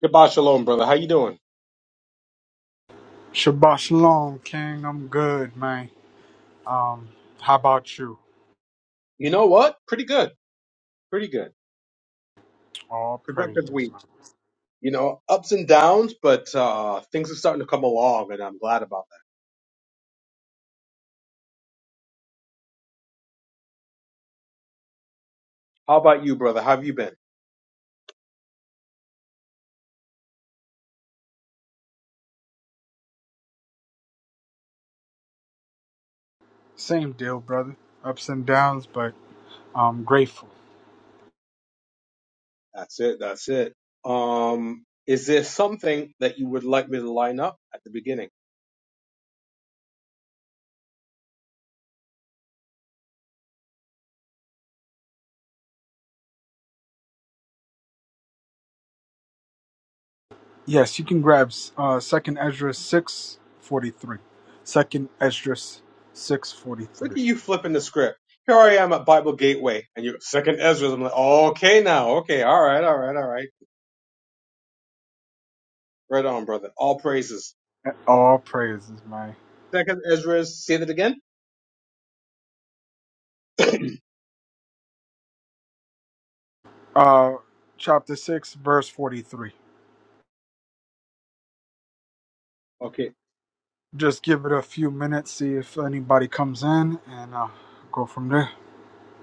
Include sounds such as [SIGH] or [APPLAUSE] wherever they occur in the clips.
Goodbye, shalom, brother. How you doing? Shabbat shalom, King. I'm good, man. Um, how about you? You know what? Pretty good. Pretty good. All Productive praises, week. man. You know, ups and downs, but uh things are starting to come along and I'm glad about that. How about you, brother? How have you been? Same deal, brother. Ups and downs, but I'm grateful. That's it. That's it. Um, is there something that you would like me to line up at the beginning? Yes, you can grab uh, Second Ezra six forty three. Second Ezra six forty Look at three. you flipping the script. Here I am at Bible Gateway, and you're Second Ezra. I'm like, okay, now, okay, all right, all right, all right. Right on, brother. All praises. All praises, man. Second Ezra. Say that again. Uh, chapter six, verse forty three. Okay. Just give it a few minutes, see if anybody comes in, and uh, go from there.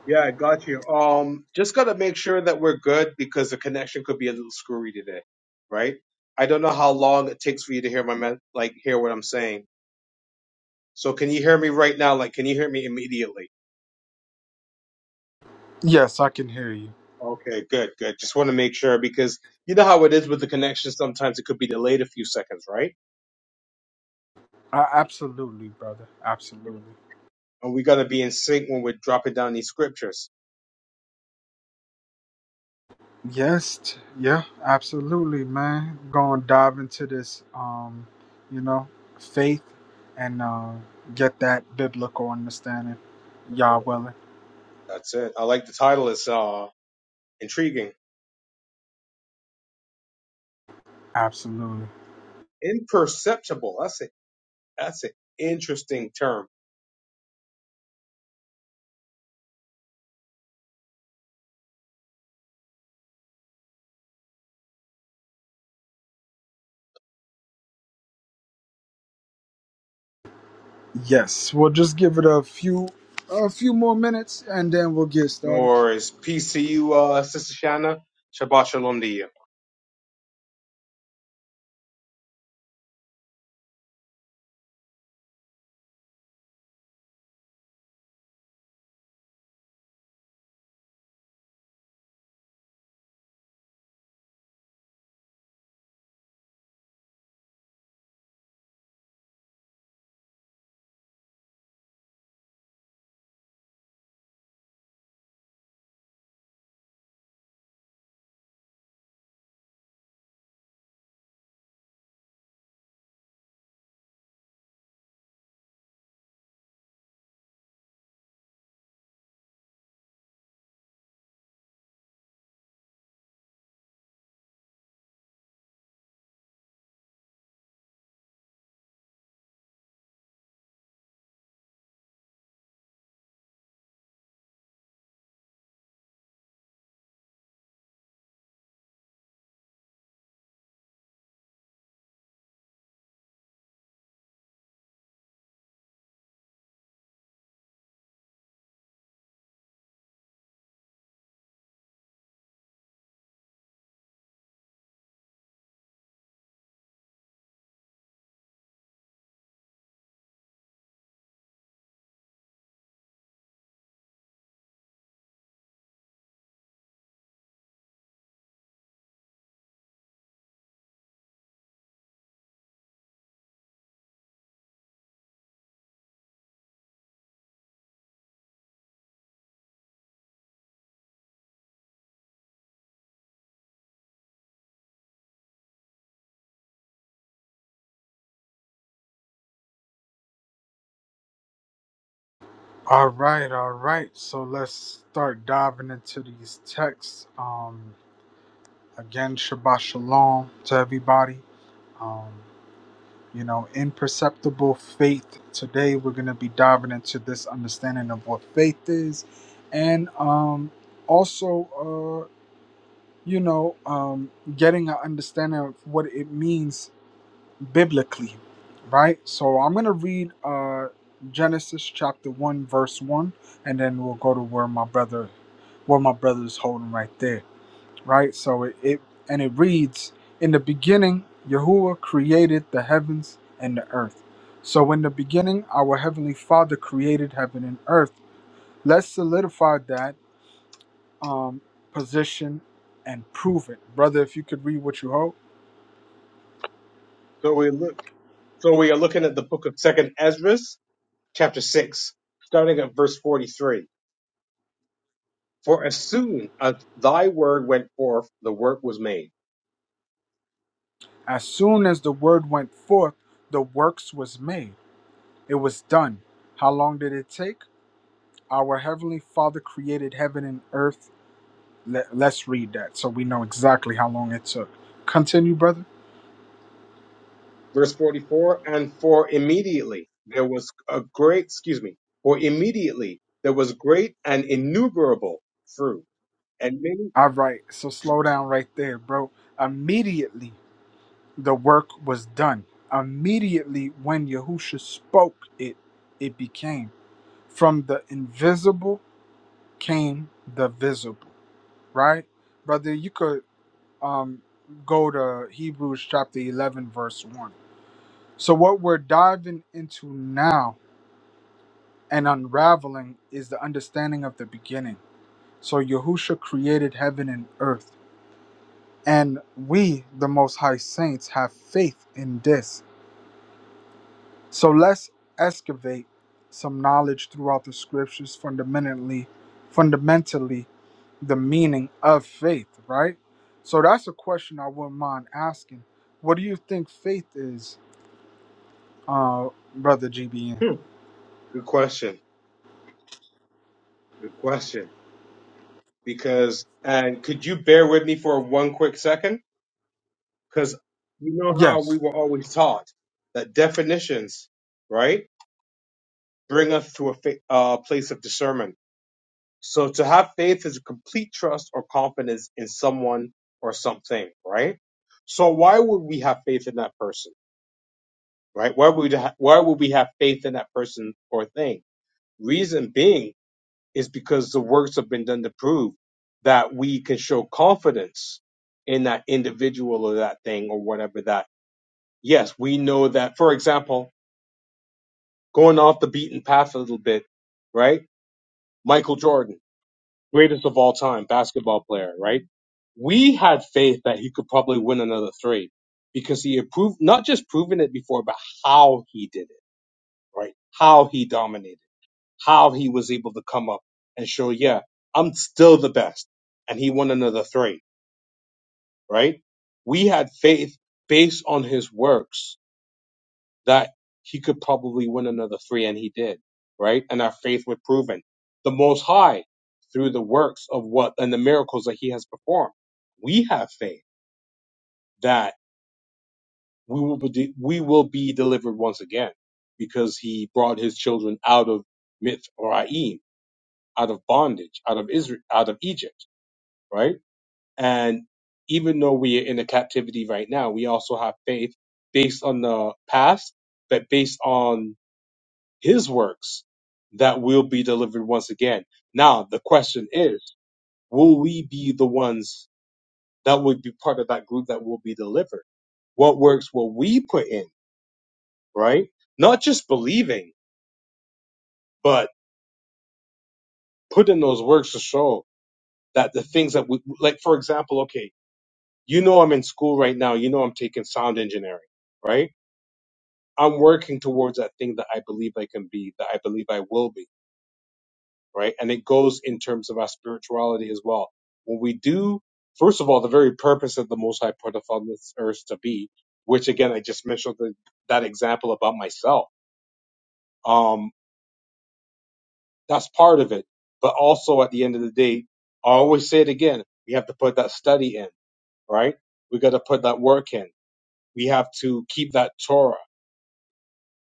Yeah, I got you. Um, just gotta make sure that we're good because the connection could be a little screwy today, right? I don't know how long it takes for you to hear my me- like hear what I'm saying. So can you hear me right now? Like, can you hear me immediately? Yes, I can hear you. Okay, good, good. Just want to make sure because you know how it is with the connection. Sometimes it could be delayed a few seconds, right? Uh, absolutely, brother. Absolutely. Yeah. And we gotta be in sync when we're dropping down these scriptures. Yes, yeah, absolutely, man. Gonna dive into this, um, you know, faith and uh, get that biblical understanding. Y'all Yeah. willing? That's it. I like the title. It's uh intriguing, Absolutely. imperceptible. That's it. That's an interesting term Yes, we'll just give it a few, a few more minutes, and then we'll get started. Nor is Peace to you, uh, Sister Shana Shabbat shalom to you. All right, all right. So let's start diving into these texts. Um, again, Shabbat Shalom to everybody. Um, you know, imperceptible faith. Today, we're going to be diving into this understanding of what faith is, and um, also, uh, you know, um, getting an understanding of what it means biblically, right? So, I'm going to read uh, Genesis chapter one, verse one, and then we'll go to where my brother, where my brother's holding right there right? So it, it and it reads, In the beginning, Yahuwah created the heavens and the earth. So in the beginning, our heavenly Father created heaven and earth. Let's solidify that um, position and prove it, brother. If you could read what you hope. So we look, so we are looking at the book of Second Ezra, chapter six, starting at verse forty-three. For as soon as thy word went forth, the work was made. As soon as the word went forth, the works was made. It was done. How long did it take? Our heavenly Father created heaven and earth. Let, let's read that so we know exactly how long it took. Continue, brother. Verse forty-four, and for immediately there was a great, excuse me, for immediately there was great and innumerable fruit, and many. All right, so slow down right there, bro. Immediately, the work was done. Immediately, when Yahusha spoke it, it became. From the invisible came the visible, right? Brother, you could um, go to Hebrews chapter 11, verse 1. So, what we're diving into now and unraveling is the understanding of the beginning. So, Yahusha created heaven and earth And we, the Most High Saints, have faith in this. So let's excavate some knowledge throughout the scriptures fundamentally, fundamentally the meaning of faith, right? So that's a question I wouldn't mind asking. What do you think faith is, uh, brother GBN? Hmm, good question. Good question. Because and could you bear with me for one quick second? Because you know how we Yes, were always taught that definitions, right, bring us to a fa- uh, place of discernment. So to have faith is a complete trust or confidence in someone or something, right? So why would we have faith in that person, right? Why would ha- why would we have faith in that person or thing? Reason being is because the works have been done to prove that we can show confidence in that individual or that thing or whatever that yes, we know that, for example, going off the beaten path a little bit, right? Michael Jordan, greatest of all time basketball player, right? We had faith that he could probably win another three because he approved, not just proven it before, but how he did it, right? How he dominated, how he was able to come up and show, yeah, I'm still the best. And he won another three, right? We had faith based on his works that he could probably win another three, and he did, right? And our faith was proven. The Most High, through the works of what and the miracles that He has performed, we have faith that we will be we will be delivered once again, because He brought His children out of Mithraim, out of bondage, out of Israel, out of Egypt, right? And even though we are in a captivity right now, we also have faith based on the past, but based on his works that will be delivered once again. Now, the question is, will we be the ones that would be part of that group that will be delivered? What works will we put in, right? Not just believing, but put in those works to show that the things that we, like, for example, okay, you know, I'm in school right now. You know, I'm taking sound engineering, right? I'm working towards that thing that I believe I can be, that I believe I will be right? And it goes in terms of our spirituality as well. When we do, first of all, the very purpose that the Most High put us on this earth to be, which again, I just mentioned the, that example about myself. Um, that's part of it. But also at the end of the day, I always say it again, we have to put that study in, right? We got to put that work in. We have to keep that Torah.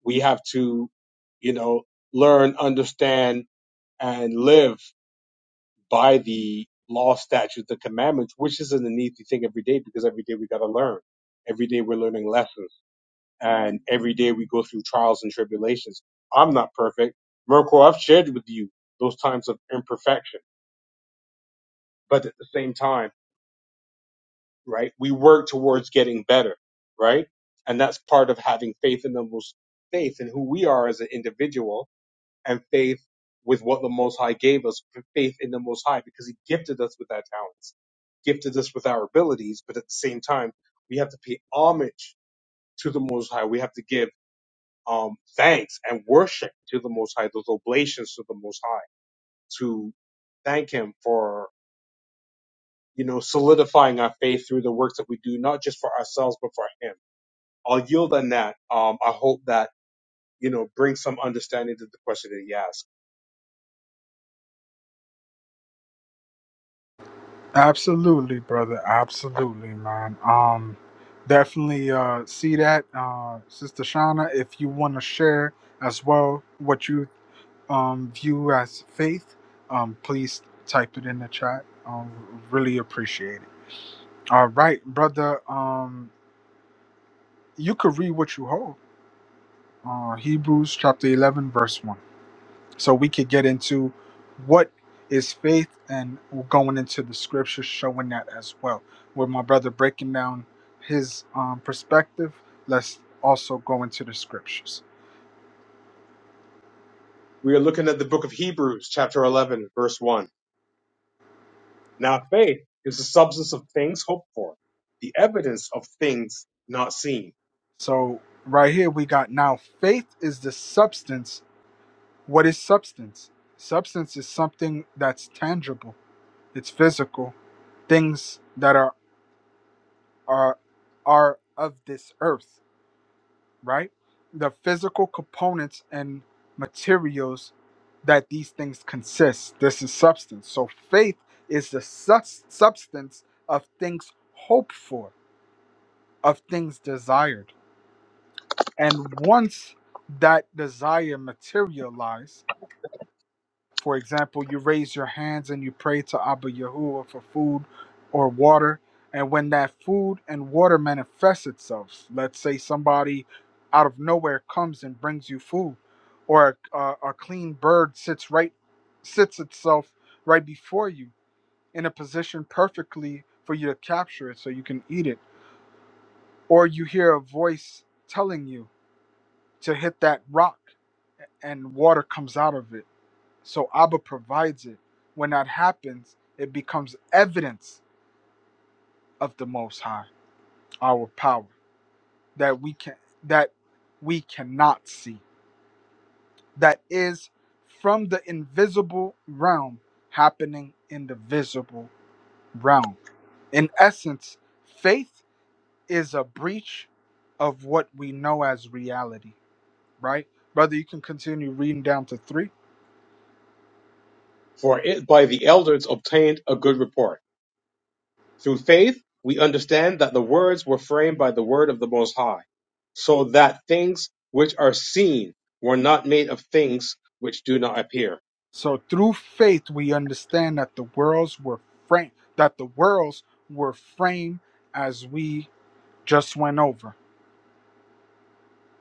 We have to, you know, learn, understand, and live by the law, statutes, the commandments, which is an easy thing every day because every day we got to learn. Every day we're learning lessons and every day we go through trials and tribulations. I'm not perfect. Mirko. I've shared with you those times of imperfection, but at the same time, right, we work towards getting better, right? And that's part of having faith in the most faith in who we are as an individual and faith with what the Most High gave us, faith in the Most High, because He gifted us with our talents, gifted us with our abilities. But at the same time, we have to pay homage to the Most High. We have to give um, thanks and worship to the Most High, those oblations to the Most High, to thank Him for you know solidifying our faith through the works that we do, not just for ourselves but for Him. I'll yield on that. Um, I hope that you know brings some understanding to the question that he asked. absolutely, brother. Absolutely, man. Um, definitely uh, see that, uh, Sister Shauna. If you want to share as well what you um, view as faith, um, please type it in the chat. Um, really appreciate it. All right, brother. Um, you could read what you hold. Uh, Hebrews chapter 11, verse 1. So we could get into what is faith and we're going into the scriptures showing that as well. With my brother breaking down his um, perspective, let's also go into the scriptures. We are looking at the book of Hebrews, chapter 11, verse 1. Now faith is the substance of things hoped for, the evidence of things not seen. So, right here, we got now faith is the substance What is substance? Substance is something that's tangible. It's physical. Things that are are are of this earth, right? The physical components and materials that these things consist. This is substance. So faith is the sus- substance of things hoped for, of things desired. And once that desire materializes, For example, you raise your hands and you pray to Abba Yahuwah for food or water. And when that food and water manifests itself, let's say somebody out of nowhere comes and brings you food, or a, a, a clean bird sits right sits itself right before you in a position perfectly for you to capture it so you can eat it, or you hear a voice telling you to hit that rock and water comes out of it so Abba provides it. When that happens, it becomes evidence of the Most High, our power that we can that we cannot see. That is from the invisible realm happening in the visible realm. In essence, faith is a breach of what we know as reality, right? Brother, you can continue reading down to three. For it by the elders obtained a good report. Through faith, we understand that the words were framed by the word of the Most High, so that things which are seen were not made of things which do not appear. So through faith we understand that the worlds were framed that the worlds were framed as we just went over.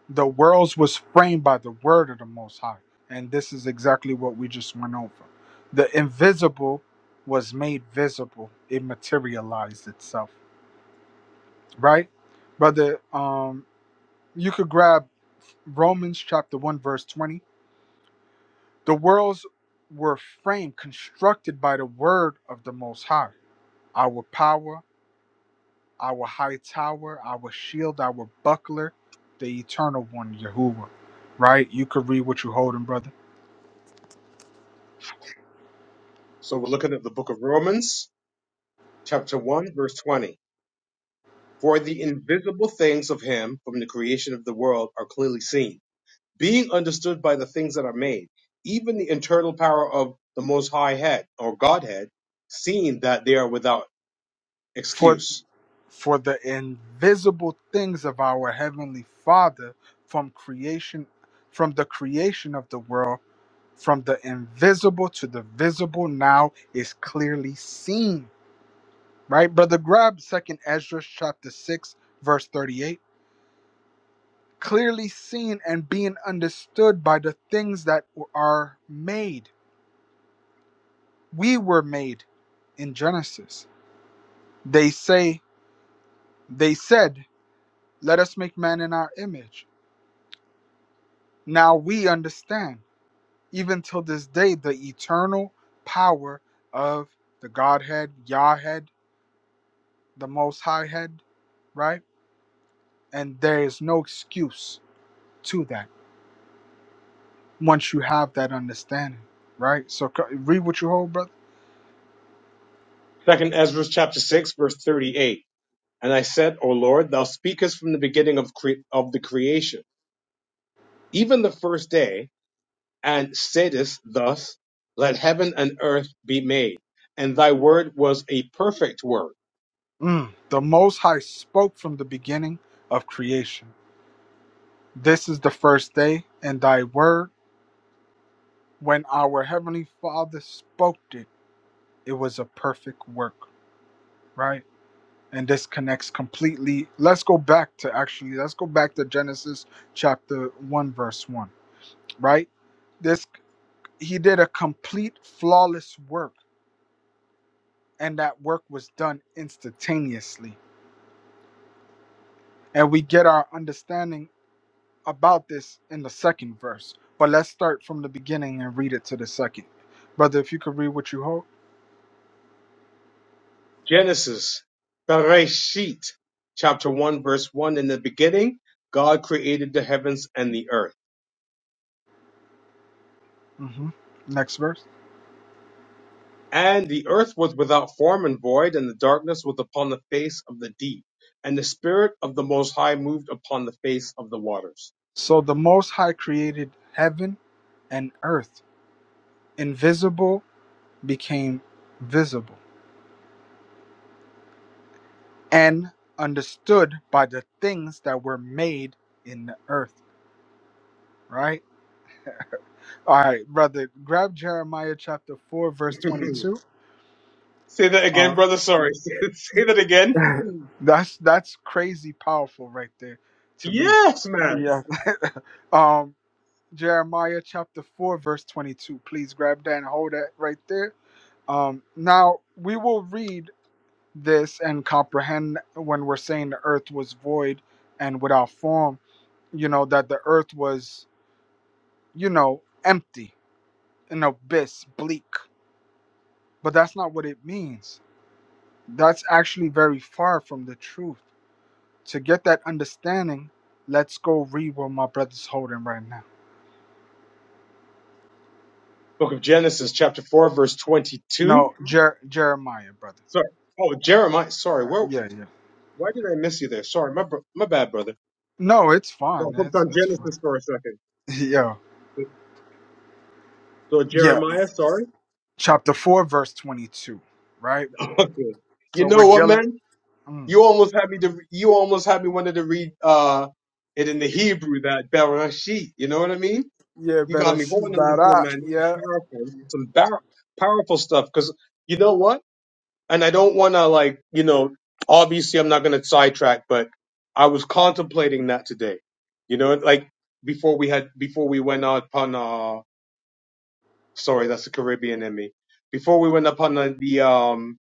The worlds was framed by the word of the most high. And this is exactly what we just went over. The invisible was made visible. It materialized itself. Right? Brother, um you could grab Romans chapter 1 verse 20. The worlds were framed constructed by the word of the most high. Our power our high tower, our shield, our buckler, the eternal one, Yahuwah. Right? You could read what you're holding, brother. So we're looking at the book of Romans, chapter 1, verse 20. For the invisible things of him from the creation of the world are clearly seen being understood by the things that are made, even the internal power of the Most High Head or Godhead, seeing that they are without For excuse. for the invisible things of our heavenly Father from creation, from the creation of the world, from the invisible to the visible now is clearly seen. Right, brother? Grab second Ezra chapter six, verse thirty-eight. Clearly seen and being understood by the things that are made we were made in Genesis. They say, they said, let us make man in our image. Now we understand, even till this day, the eternal power of the Godhead, Yahhead, the Most High Head, right? And there is no excuse to that once you have that understanding, right? So c- read what you hold, brother. Second Ezra chapter six verse thirty-eight. And I said, O Lord, Thou speakest from the beginning of cre- of the creation, even the first day, and saidest thus, Let heaven and earth be made. And Thy word was a perfect word Mm. The Most High spoke from the beginning of creation. This is the first day, and thy word when our heavenly father spoke it it was a perfect work right and this connects completely let's go back to actually let's go back to genesis chapter 1 verse 1 right this he did a complete flawless work and that work was done instantaneously and we get our understanding about this in the second verse but let's start from the beginning and read it to the second brother if you could read what you hold Genesis, Bereshit, chapter 1, verse 1. In the beginning, God created the heavens and the earth. hmm Next verse. And the earth was without form and void, and the darkness was upon the face of the deep. And the Spirit of the Most High moved upon the face of the waters. So the Most High created heaven and earth. Invisible became visible and understood by the things that were made in the earth. Right? All right, brother. Grab Jeremiah chapter 4, verse [LAUGHS] 22. Say that again, Uh, brother. Sorry. [LAUGHS] Say that again. [LAUGHS] [LAUGHS] that's that's crazy powerful right there to me. Yes, man. Yeah. Um Jeremiah chapter 4 verse 22. Please grab that and hold that right there. Um now we will read this and comprehend when we're saying the earth was void and without form, you know that the earth was, you know, empty, an abyss, bleak. But that's not what it means. That's actually very far from the truth To get that understanding, let's go read what my brother's holding right now. Book of Genesis, chapter 4, verse 22. No, Jer- Jeremiah, brother. Sorry. Oh, Jeremiah. Sorry. Yeah, Where, yeah. yeah. why did I miss you there? Sorry. My, br- my bad, brother. No, it's So I fine. hooked It's on it's fine. Genesis for a second. yeah, So [LAUGHS] yeah. Jeremiah, sorry. [LAUGHS] Chapter four, verse twenty-two. Right. Okay. You So we're know what, dealing. man? Mm. You almost had me to. You almost had me wanted to read uh it in the Hebrew that Bereshit. You know what I mean? Yeah, You got better me see going on about this one, that. man. This is Yeah. powerful. Some bar- powerful stuff. Because you know what? And I don't want to like you know. Obviously, I'm not going to sidetrack, but I was contemplating that today. You know, like before we had before we went out upon uh Sorry, that's the Caribbean in me. Before we went upon the, the um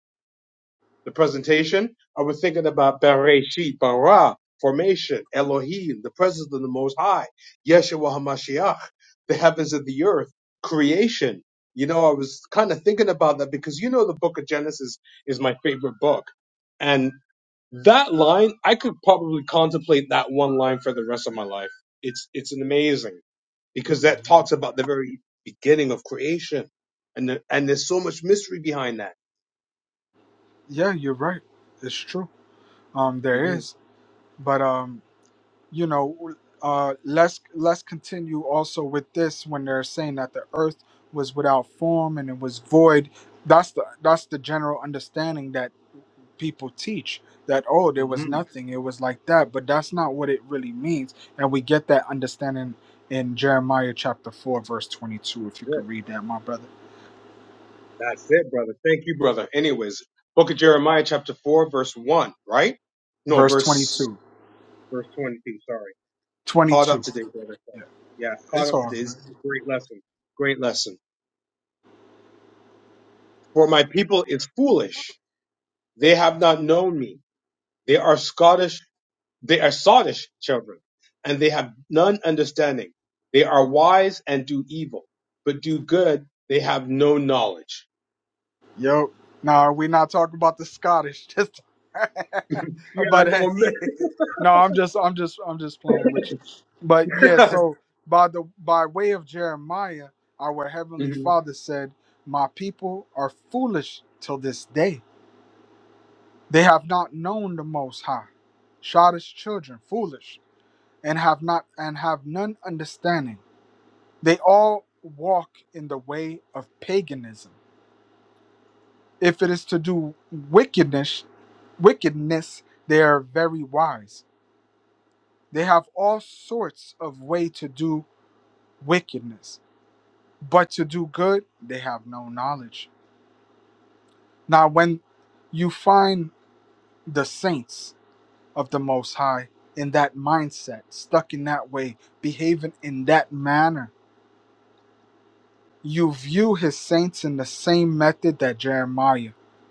the presentation, I was thinking about Bereshit, Bara, formation, Elohim, the presence of the Most High, Yeshua Hamashiach, the heavens and the earth, creation. You know, I was kind of thinking about that because you know the book of Genesis is my favorite book. And that line, I could probably contemplate that one line for the rest of my life. It's it's an amazing because that Mhm. talks about the very beginning of creation, and the, and there's so much mystery behind that. Yeah, you're right. It's true. Um, there hmm is, but um, you know, uh, let's let's continue also with this when they're saying that the earth was without form and it was void. That's the that's the general understanding that people teach that oh there was hmm nothing it was like that but that's not what it really means and we get that understanding in Jeremiah chapter 4 verse 22 if you could read that my brother That's it, brother. Thank you, brother. Anyways, Book of Jeremiah, chapter four, verse one, right? No, verse twenty verse two, verse twenty-two. Sorry, twenty caught two. up today, brother. yeah Yeah, caught it's up all today. This good is a great lesson. Great lesson. For my people is foolish; they have not known me. They are Scottish They are sottish children, and they have none understanding. They are wise and do evil, but do good. They have no knowledge. [LAUGHS] Yo, no, we not talking about the Scottish. [LAUGHS] Just, Yeah, I but uh, know. yeah, no, I'm just, I'm just, I'm just playing with you. But yeah, I'm- so by the by way of Jeremiah, our [LAUGHS] heavenly Mhm. Father said, "My people are foolish till this day. They have not known the Most High. Shadish children, foolish, and have not, and have none understanding. They all walk in the way of paganism." If it is to do wickedness, wickedness, they are very wise. They have all sorts of way to do wickedness, but to do good, they have no knowledge. Now, when you find the saints of the Most High in that mindset, stuck in that way, behaving in that manner, you view his saints in the same method that Jeremiah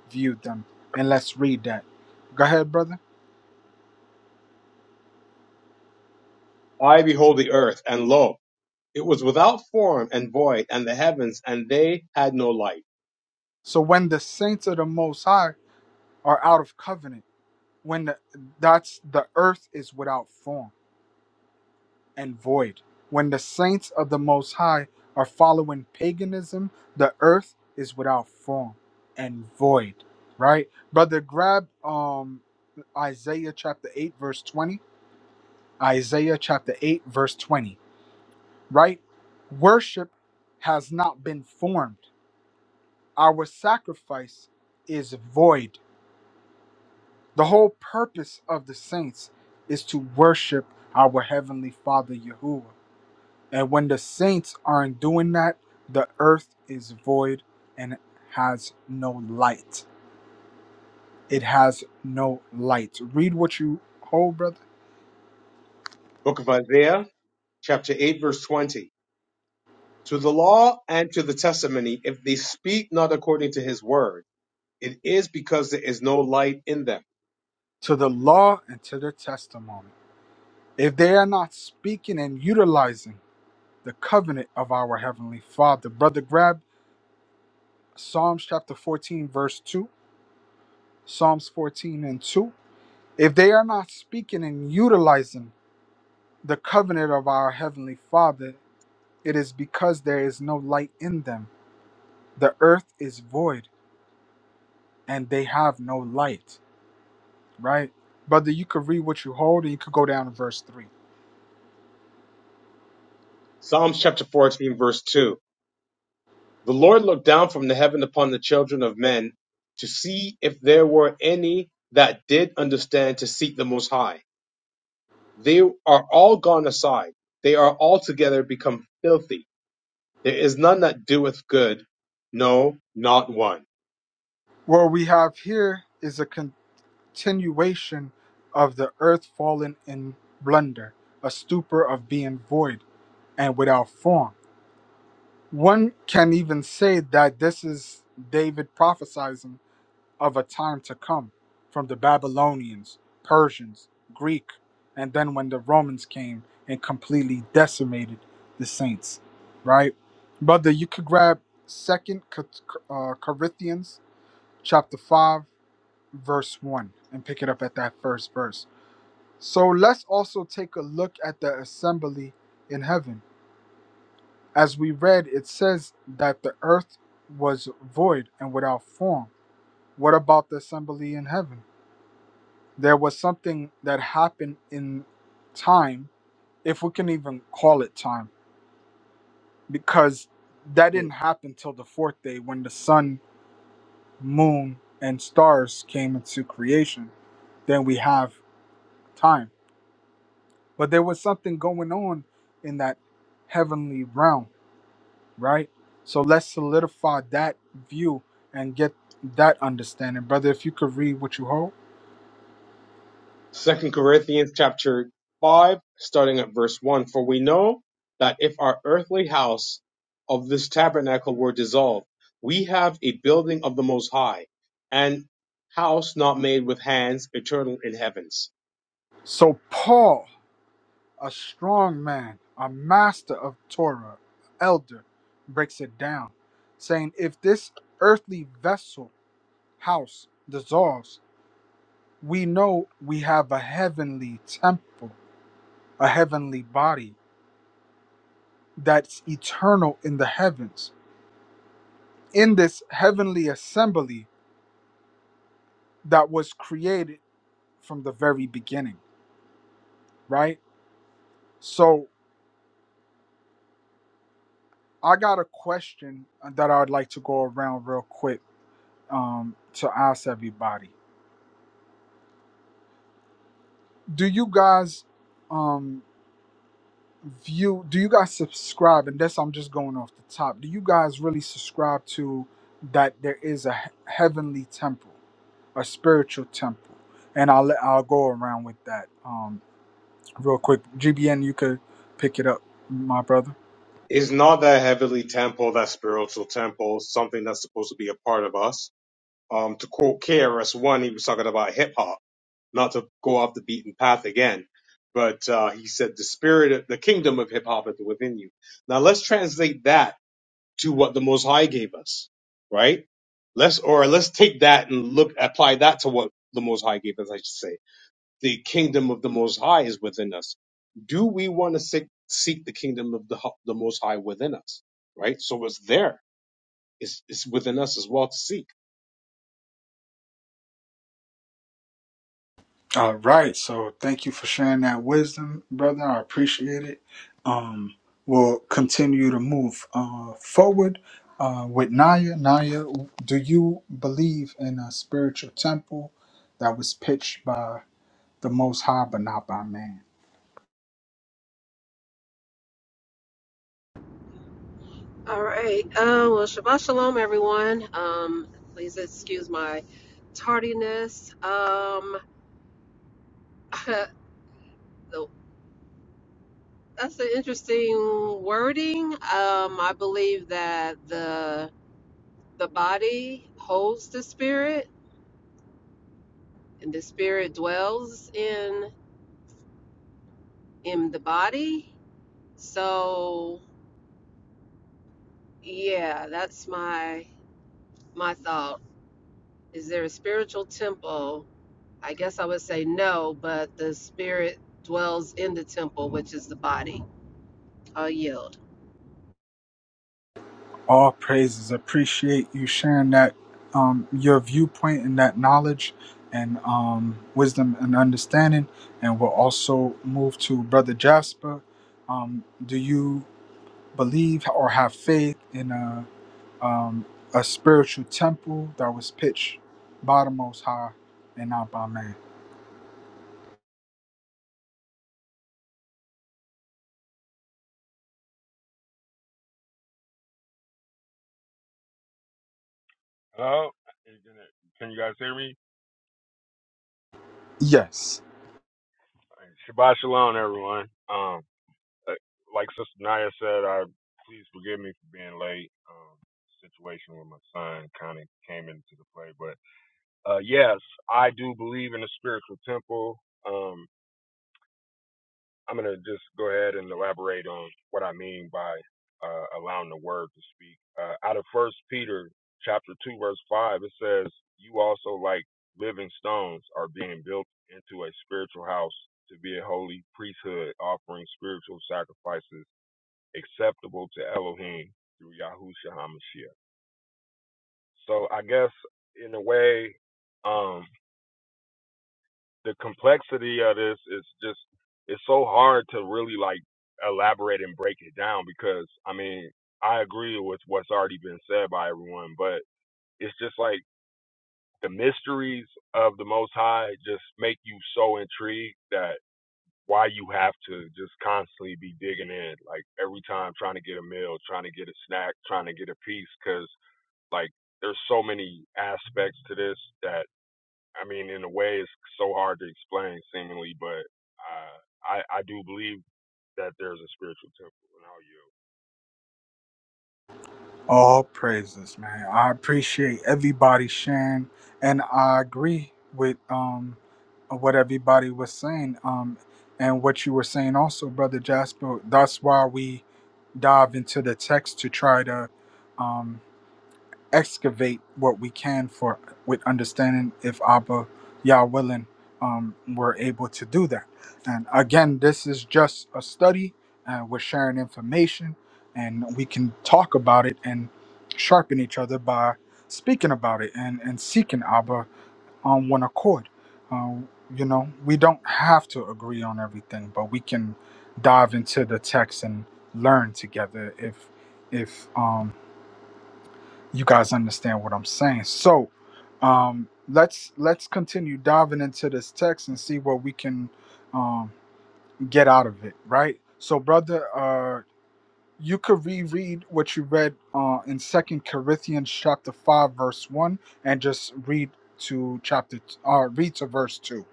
viewed them. And let's read that. Go ahead, brother. I behold the earth, and lo, it was without form and void, and the heavens, and they had no light. So when the saints of the Most High are out of covenant, when the, that's the earth is without form and void. When the saints of the Most High are following paganism, the earth is without form and void. Right, brother? Grab um Isaiah chapter eight verse twenty. Isaiah chapter eight verse twenty. Right, worship has not been formed. Our sacrifice is void The whole purpose of the saints is to worship our Heavenly Father Yahuwah. And when the saints aren't doing that, the earth is void and has no light. It has no light. Read what you hold, brother, Book of Isaiah, chapter 8, verse 20. To the law and to the testimony, if they speak not according to his word, it is because there is no light in them. to the law and to the testimony. If they are not speaking and utilizing the covenant of our Heavenly Father, brother, grab Psalms chapter 14, verse 2, Psalms 14 and 2. If they are not speaking and utilizing the covenant of our Heavenly Father, it is because there is no light in them. The earth is void and they have no light, right? Brother, you could read what you hold and you could go down to verse 3. Psalms chapter 14, verse 2. The Lord looked down from the heaven upon the children of men to see if there were any that did understand to seek the Most High. They are all gone aside. They are altogether become filthy. There is none that doeth good. No, not one. What we have here is a continuation of the earth fallen in blunder, a stupor of being void and without form. One can even say that this is David prophesying of a time to come from the Babylonians, Persians, Greek, and then when the Romans came and completely decimated the saints, right? Brother, you could grab Second uh, Corinthians chapter five, verse one, and pick it up at that first verse. So let's also take a look at the assembly in heaven. As we read, it says that the earth was void and without form. What about the assembly in heaven? There was something that happened in time, if we can even call it time, because that Hmm. didn't happen till the fourth day when the sun, moon, and stars came into creation. Then we have time. But there was something going on in that heavenly realm, right? So let's solidify that view and get that understanding. Brother, if you could read what you hold. Second Corinthians chapter five, starting at verse one. For we know that if our earthly house of this tabernacle were dissolved, we have a building of the Most High, an house not made with hands, eternal in heavens. So, Paul A strong man, a master of Torah, elder, breaks it down, saying, If this earthly vessel, house, dissolves, we know we have a heavenly temple, a heavenly body that's eternal in the heavens, in this heavenly assembly that was created from the very beginning, right? So, I got a question that I would like to go around real quick um, to ask everybody do you guys um view do you guys subscribe and that's i'm just going off the top do you guys really subscribe to that there is a he- heavenly temple a spiritual temple and i'll let i'll go around with that um real quick gbn you could pick it up my brother Is not that heavenly temple, that spiritual temple, something that's supposed to be a part of us? Um, to quote KRS One, he was talking about hip hop not to go off the beaten path again. But uh, he said, the spirit, of, the kingdom of hip hop is within you. Now let's translate that to what the Most High gave us, right? Let's or let's take that and look, apply that to what the Most High gave us. I should say, the kingdom of the Most High is within us. Do we want to seek, seek the kingdom of the, the Most High within us, right? So it's there. It's, it's within us as well to seek. All right. So thank you for sharing that wisdom, brother. I appreciate it. Um, we'll continue to move uh, forward uh, with Naya. Naya, do you believe in a spiritual temple that was pitched by the Most High, but not by man? All right. Uh, well, Shabbat Shalom, everyone. Um, please excuse my tardiness. Um, [LAUGHS] so that's an interesting wording. Um, I believe that the the body holds the spirit, and the spirit dwells in in the body. So, yeah, that's my my thought. Is there a spiritual temple I guess I would say no, but the spirit dwells in the temple, which is the body. I'll yield. All praises. Appreciate you sharing that um, your viewpoint and that knowledge and um, wisdom and understanding. And we'll also move to Brother Jasper. Um, do you? believe or have faith in a um, a spiritual temple that was pitched by the Most High and not by man. Oh, you're gonna, can you guys hear me? Yes, Shabbat shalom, everyone. Um, uh, like Sister Naya said, I please forgive me for being late. Um, situation with my son kind of came into the play, but uh, yes, I do believe in the spiritual temple. Um, I'm going to just go ahead and elaborate on what I mean by uh, allowing the word to speak. Uh, out of First Peter chapter two verse five, it says, "You also, like living stones, are being built into a spiritual house to be a holy priesthood, offering spiritual sacrifices acceptable to Elohim through Yahushua Hamashiach." So I guess in a way, um, the complexity of this is just it's so hard to really like elaborate and break it down because I mean I agree with what's already been said by everyone, but it's just like the mysteries of the Most High just make you so intrigued that why you have to just constantly be digging in, like every time trying to get a meal, trying to get a snack, trying to get a piece, because like there's so many aspects to this that I mean, in a way, it's so hard to explain, seemingly, but uh, I I do believe that there's a spiritual temple in all you. all praises, man. I appreciate everybody sharing, and I agree with um, what everybody was saying, um, and what you were saying also, brother Jasper. That's why we dive into the text to try to. um excavate what we can for with understanding if Abba, Yah willing, um, we're able to do that. And again, this is just a study, and we're sharing information, and we can talk about it and sharpen each other by speaking about it and, and seeking Abba on one accord. Um, you know, we don't have to agree on everything, but we can dive into the text and learn together if if um, you guys understand what I'm saying. So, um, let's let's continue diving into this text and see what we can um, get out of it, right? So, brother, uh, you could reread what you read uh, in Second Corinthians chapter five, verse one, and just read to chapter uh, read to verse two.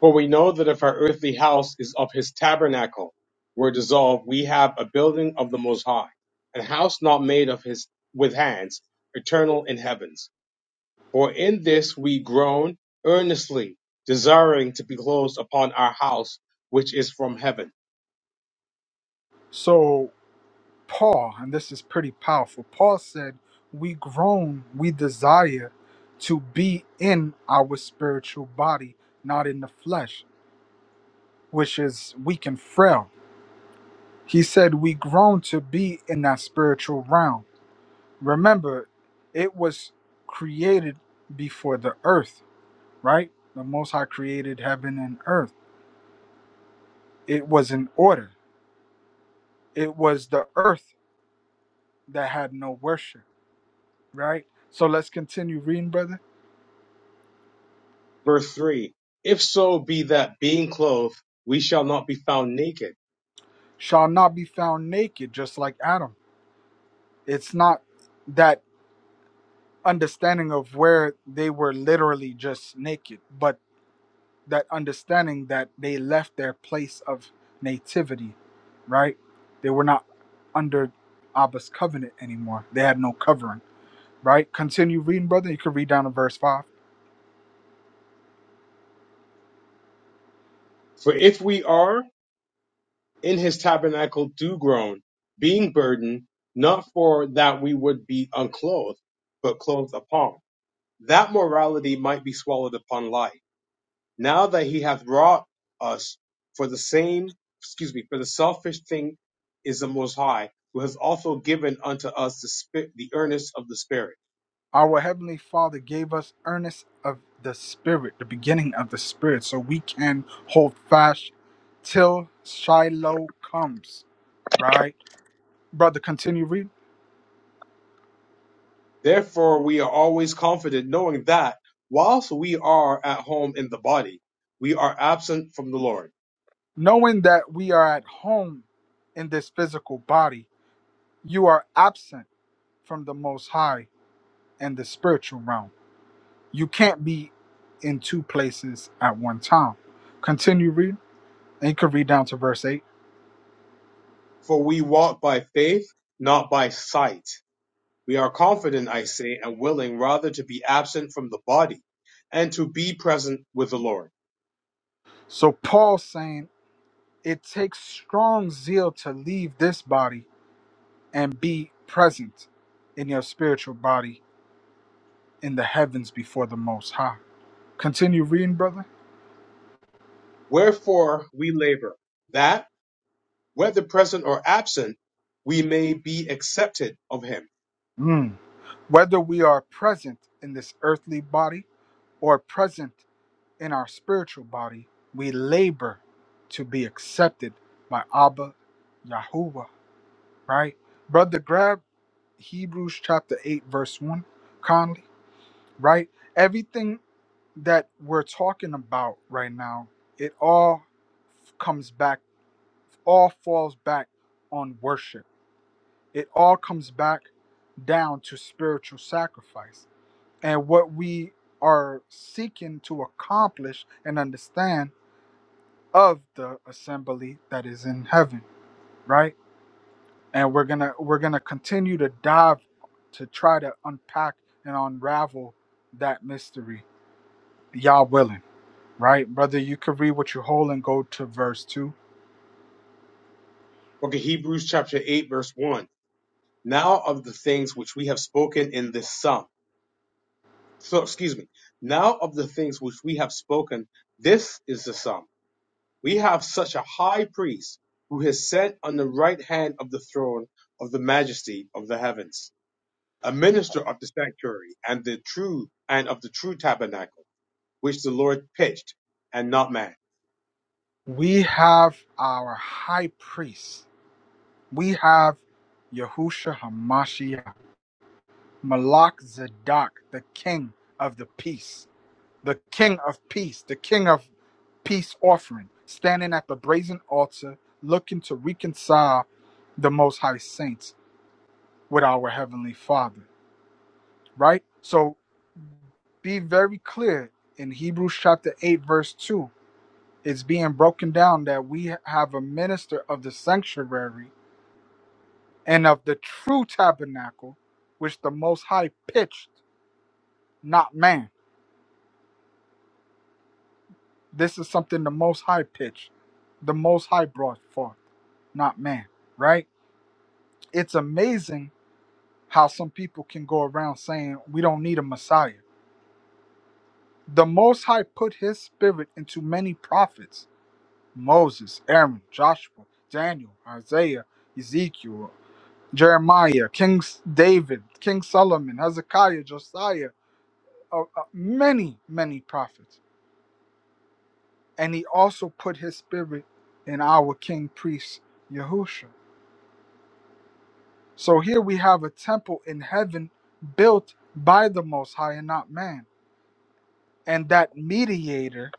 For we know that if our earthly house is of his tabernacle were dissolved, we have a building of the Most High, an house not made of his with hands, eternal in heavens. For in this we groan earnestly, desiring to be closed upon our house which is from heaven. So, Paul, and this is pretty powerful, Paul said, We groan, we desire to be in our spiritual body, not in the flesh, which is weak and frail. He said, We groan to be in that spiritual realm. Remember, it was created before the earth, right? The Most High created heaven and earth. It was in order. It was the earth that had no worship, right? So let's continue reading, brother. Verse three. If so be that being clothed, we shall not be found naked. shall not be found naked, just like Adam. It's not that understanding of where they were literally just naked, but that understanding that they left their place of nativity, right? They were not under Abba's covenant anymore. They had no covering, right? Continue reading, brother. You can read down to verse 5. For if we are, in his tabernacle do groan, being burdened, not for that we would be unclothed, but clothed upon, that morality might be swallowed upon life. Now that he hath wrought us for the same, excuse me, for the selfish thing is the Most High, who has also given unto us the, spi- the earnest of the Spirit. Our Heavenly Father gave us earnest of the Spirit, the beginning of the Spirit, so we can hold fast till Shiloh comes. Right? Brother, continue reading. Therefore, we are always confident, knowing that whilst we are at home in the body, we are absent from the Lord Knowing that we are at home in this physical body, you are absent from the Most High and the spiritual realm. You can't be in two places at one time. Continue reading, and you can read down to verse 8. For we walk by faith, not by sight. We are confident, I say, and willing rather to be absent from the body and to be present with the Lord. So Paul's saying, It takes strong zeal to leave this body and be present in your spiritual body in the heavens before the Most High. Continue reading, brother. Wherefore we labor, that, whether present or absent, we may be accepted of him. Mm. Whether we are present in this earthly body or present in our spiritual body, we labor to be accepted by Abba Yahuwah, right? Brother, grab Hebrews chapter 8, verse 1, Conley, right? Everything that we're talking about right now, it all comes back, all falls back on worship. It all comes back down to spiritual sacrifice. And what we are seeking to accomplish and understand of the assembly that is in heaven, right? And we're going to we're going to continue to dive to try to unpack and unravel that mystery, Y'all willing. right, brother? You could read what you hold and go to verse 2. Okay, Hebrews chapter 8 verse 1. Now of the things which we have spoken in this sum. So, excuse me. Now of the things which we have spoken, this is the sum. We have such a high priest who is set on the right hand of the throne of the majesty of the heavens, a minister of the sanctuary and the true and of the true tabernacle, which the Lord pitched and not man. We have our high priest. We have Yahusha Hamashiach, Malak Zadok, the king of the peace, the king of peace, the king of peace offering, standing at the brazen altar, looking to reconcile the most high saints with our heavenly father, right? So be very clear in Hebrews chapter 8, verse 2 it's being broken down that we have a minister of the sanctuary and of the true tabernacle, which the Most High pitched, not man. This is something the Most High pitched, the Most High brought forth, not man, right? It's amazing how some people can go around saying we don't need a Messiah. The Most High put his spirit into many prophets Moses, Aaron, Joshua, Daniel, Isaiah, Ezekiel, Jeremiah, King S- David, King Solomon, Hezekiah, Josiah, uh, uh, many, many prophets. And he also put his spirit in our king priest, Yahushua. So here we have a temple in heaven built by the Most High and not man. And that mediator,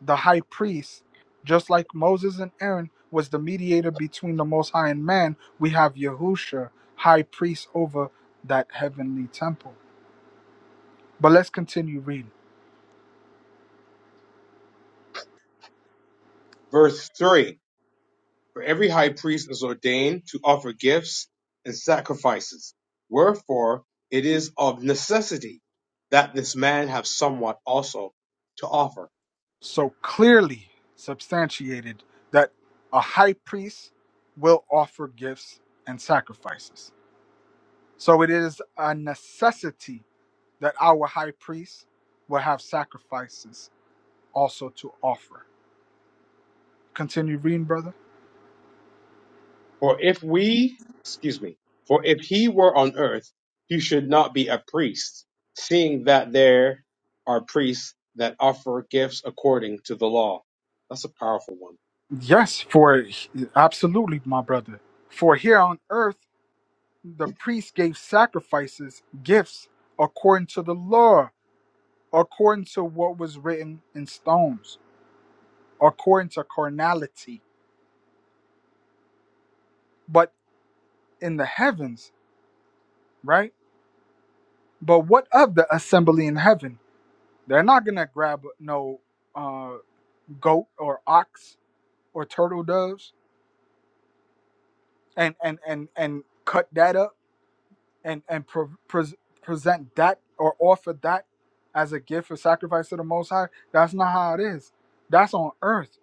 the high priest, just like Moses and Aaron was the mediator between the Most High and man, we have Yahushua, high priest over that heavenly temple. But let's continue reading. Verse three. For every high priest is ordained to offer gifts and sacrifices. Wherefore it is of necessity that this man have somewhat also to offer. so clearly substantiated that a high priest will offer gifts and sacrifices. So it is a necessity that our high priest will have sacrifices also to offer. Continue reading, brother. For if we, excuse me, for if he were on earth, he should not be a priest, seeing that there are priests that offer gifts according to the law. That's a powerful one. Yes, for absolutely, my brother. For here on earth, the priest gave sacrifices, gifts, according to the law, according to what was written in stones, according to carnality but in the heavens, right? But what of the assembly in heaven? They're not gonna grab no uh, goat or ox or turtle doves and and and and cut that up and and pre- pres present that or offer that as a gift or sacrifice to the Most High. That's not how it is. That's on earth,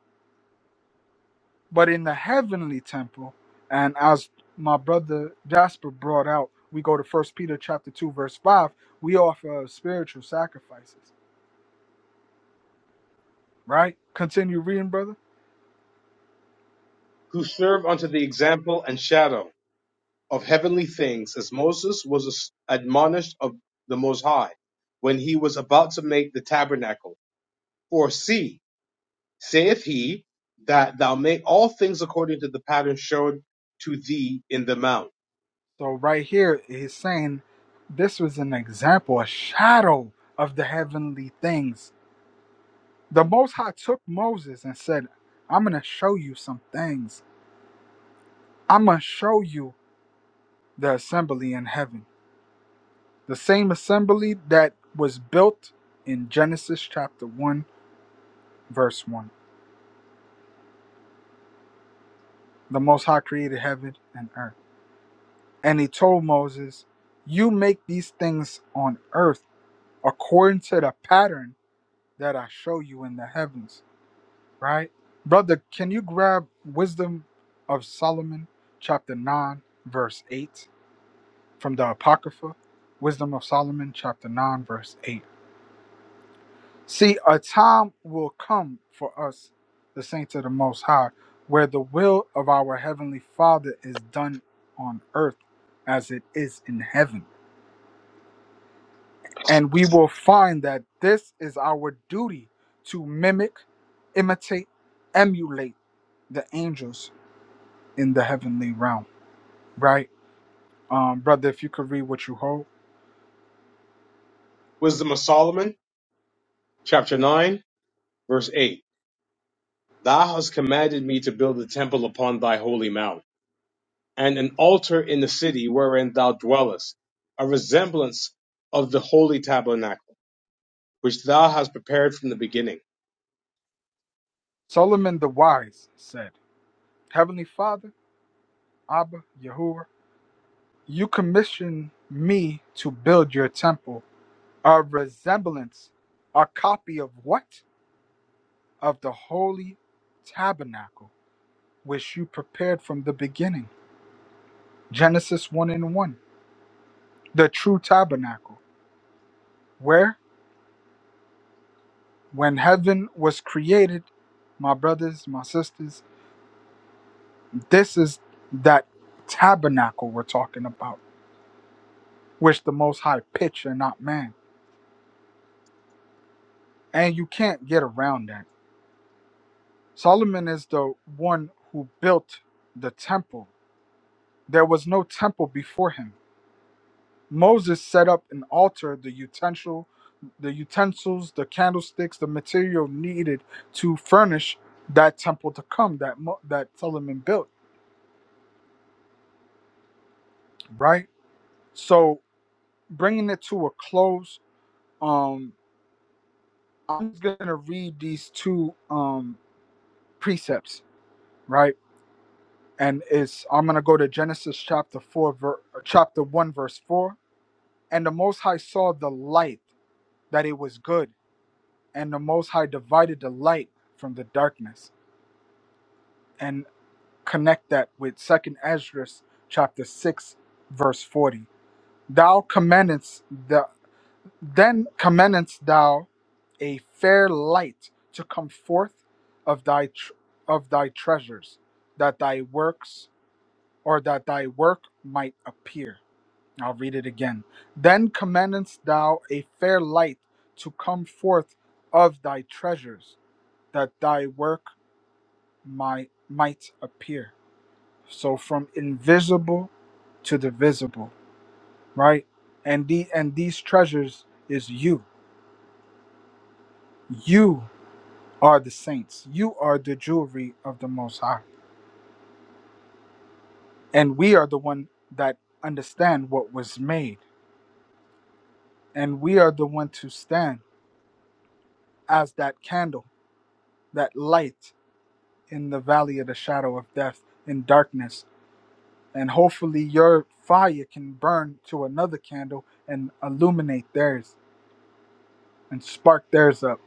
but in the heavenly temple. And as my brother Jasper brought out, we go to First Peter chapter two verse five. We offer spiritual sacrifices right? Continue reading, brother. Who serve unto the example and shadow of heavenly things, as Moses was admonished of the Most High when he was about to make the tabernacle. For see, saith he, that thou make all things according to the pattern showed to thee in the mount. So right here, he's saying this was an example, a shadow of the heavenly things. The Most High took Moses and said, I'm going to show you some things. I'm going to show you the assembly in heaven. The same assembly that was built in Genesis chapter 1, verse 1. The Most High created heaven and earth. And he told Moses, You make these things on earth according to the pattern that I show you in the heavens. Right? Brother, can you grab Wisdom of Solomon, chapter 9, verse 8, from the Apocrypha? Wisdom of Solomon, chapter 9, verse 8. See, a time will come for us, the saints of the Most High, where the will of our Heavenly Father is done on earth as it is in heaven. And we will find that this is our duty to mimic, imitate, emulate the angels in the heavenly realm, right? Um, brother, if you could read what you hold. Wisdom of Solomon, chapter 9, verse 8. Thou hast commanded me to build a temple upon thy holy mount, and an altar in the city wherein thou dwellest, a resemblance of the holy tabernacle, which thou hast prepared from the beginning. Solomon the Wise said, Heavenly Father, Abba, Yahuwah, you commissioned me to build your temple, a resemblance, a copy of what? Of the holy tabernacle, which you prepared from the beginning. Genesis 1 and 1. The true tabernacle, where, when heaven was created, my brothers, my sisters. This is that tabernacle we're talking about, which the Most High pitched and not man. And you can't get around that. Solomon is the one who built the temple. There was no temple before him. Moses set up an altar, the utensil, the utensils, the candlesticks, the material needed to furnish that temple to come that Mo- that Solomon built, right? So bringing it to a close, Um. I'm just gonna read these two um, precepts, right? And it's I'm gonna go to Genesis chapter four, ver, chapter one, verse four. And the Most High saw the light that it was good, and the Most High divided the light from the darkness. And connect that with Second Esdras chapter six, verse forty. Thou commandest the. Then commandest thou a fair light to come forth of thy tr- of thy treasures, that thy works or that thy work might appear. I'll read it again. Then commandest thou a fair light to come forth of thy treasures, that thy work might might appear. So from invisible to the visible, right? And the and these treasures is you. You are the saints. You are the jewelry of the Most High. And we are the one that understand what was made. And we are the one to stand as that candle, that light in the valley of the shadow of death, in darkness. And hopefully your fire can burn to another candle and illuminate theirs and spark theirs up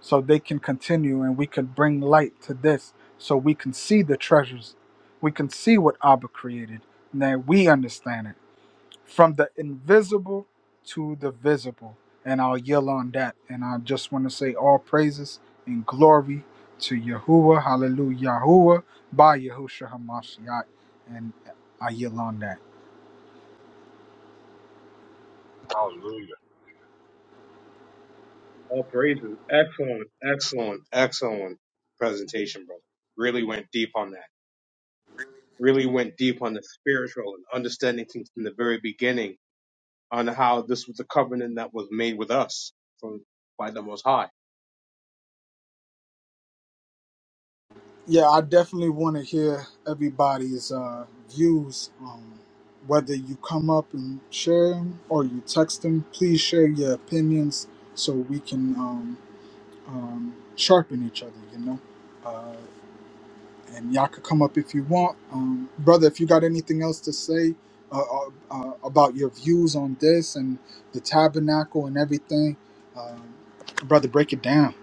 so they can continue and we can bring light to this so we can see the treasures. We can see what Abba created and that we understand it from the invisible to the visible. And I'll yell on that. And I just want to say all praises and glory to Yahuwah. Hallelujah. Yahuwah by Yahushua HaMashiach. And I yell on that. Hallelujah. All praises. Excellent, excellent, excellent presentation, brother. Really went deep on that. Really went deep on the spiritual and understanding things from the very beginning on how this was the covenant that was made with us from by the Most High Yeah, I definitely want to hear everybody's uh, views. Um, whether you come up and share them or you text them, please share your opinions so we can um, um, sharpen each other, you know? Uh, and y'all could come up if you want, um, brother. If you got anything else to say uh, uh, uh, about your views on this and the tabernacle and everything, um, brother, break it down.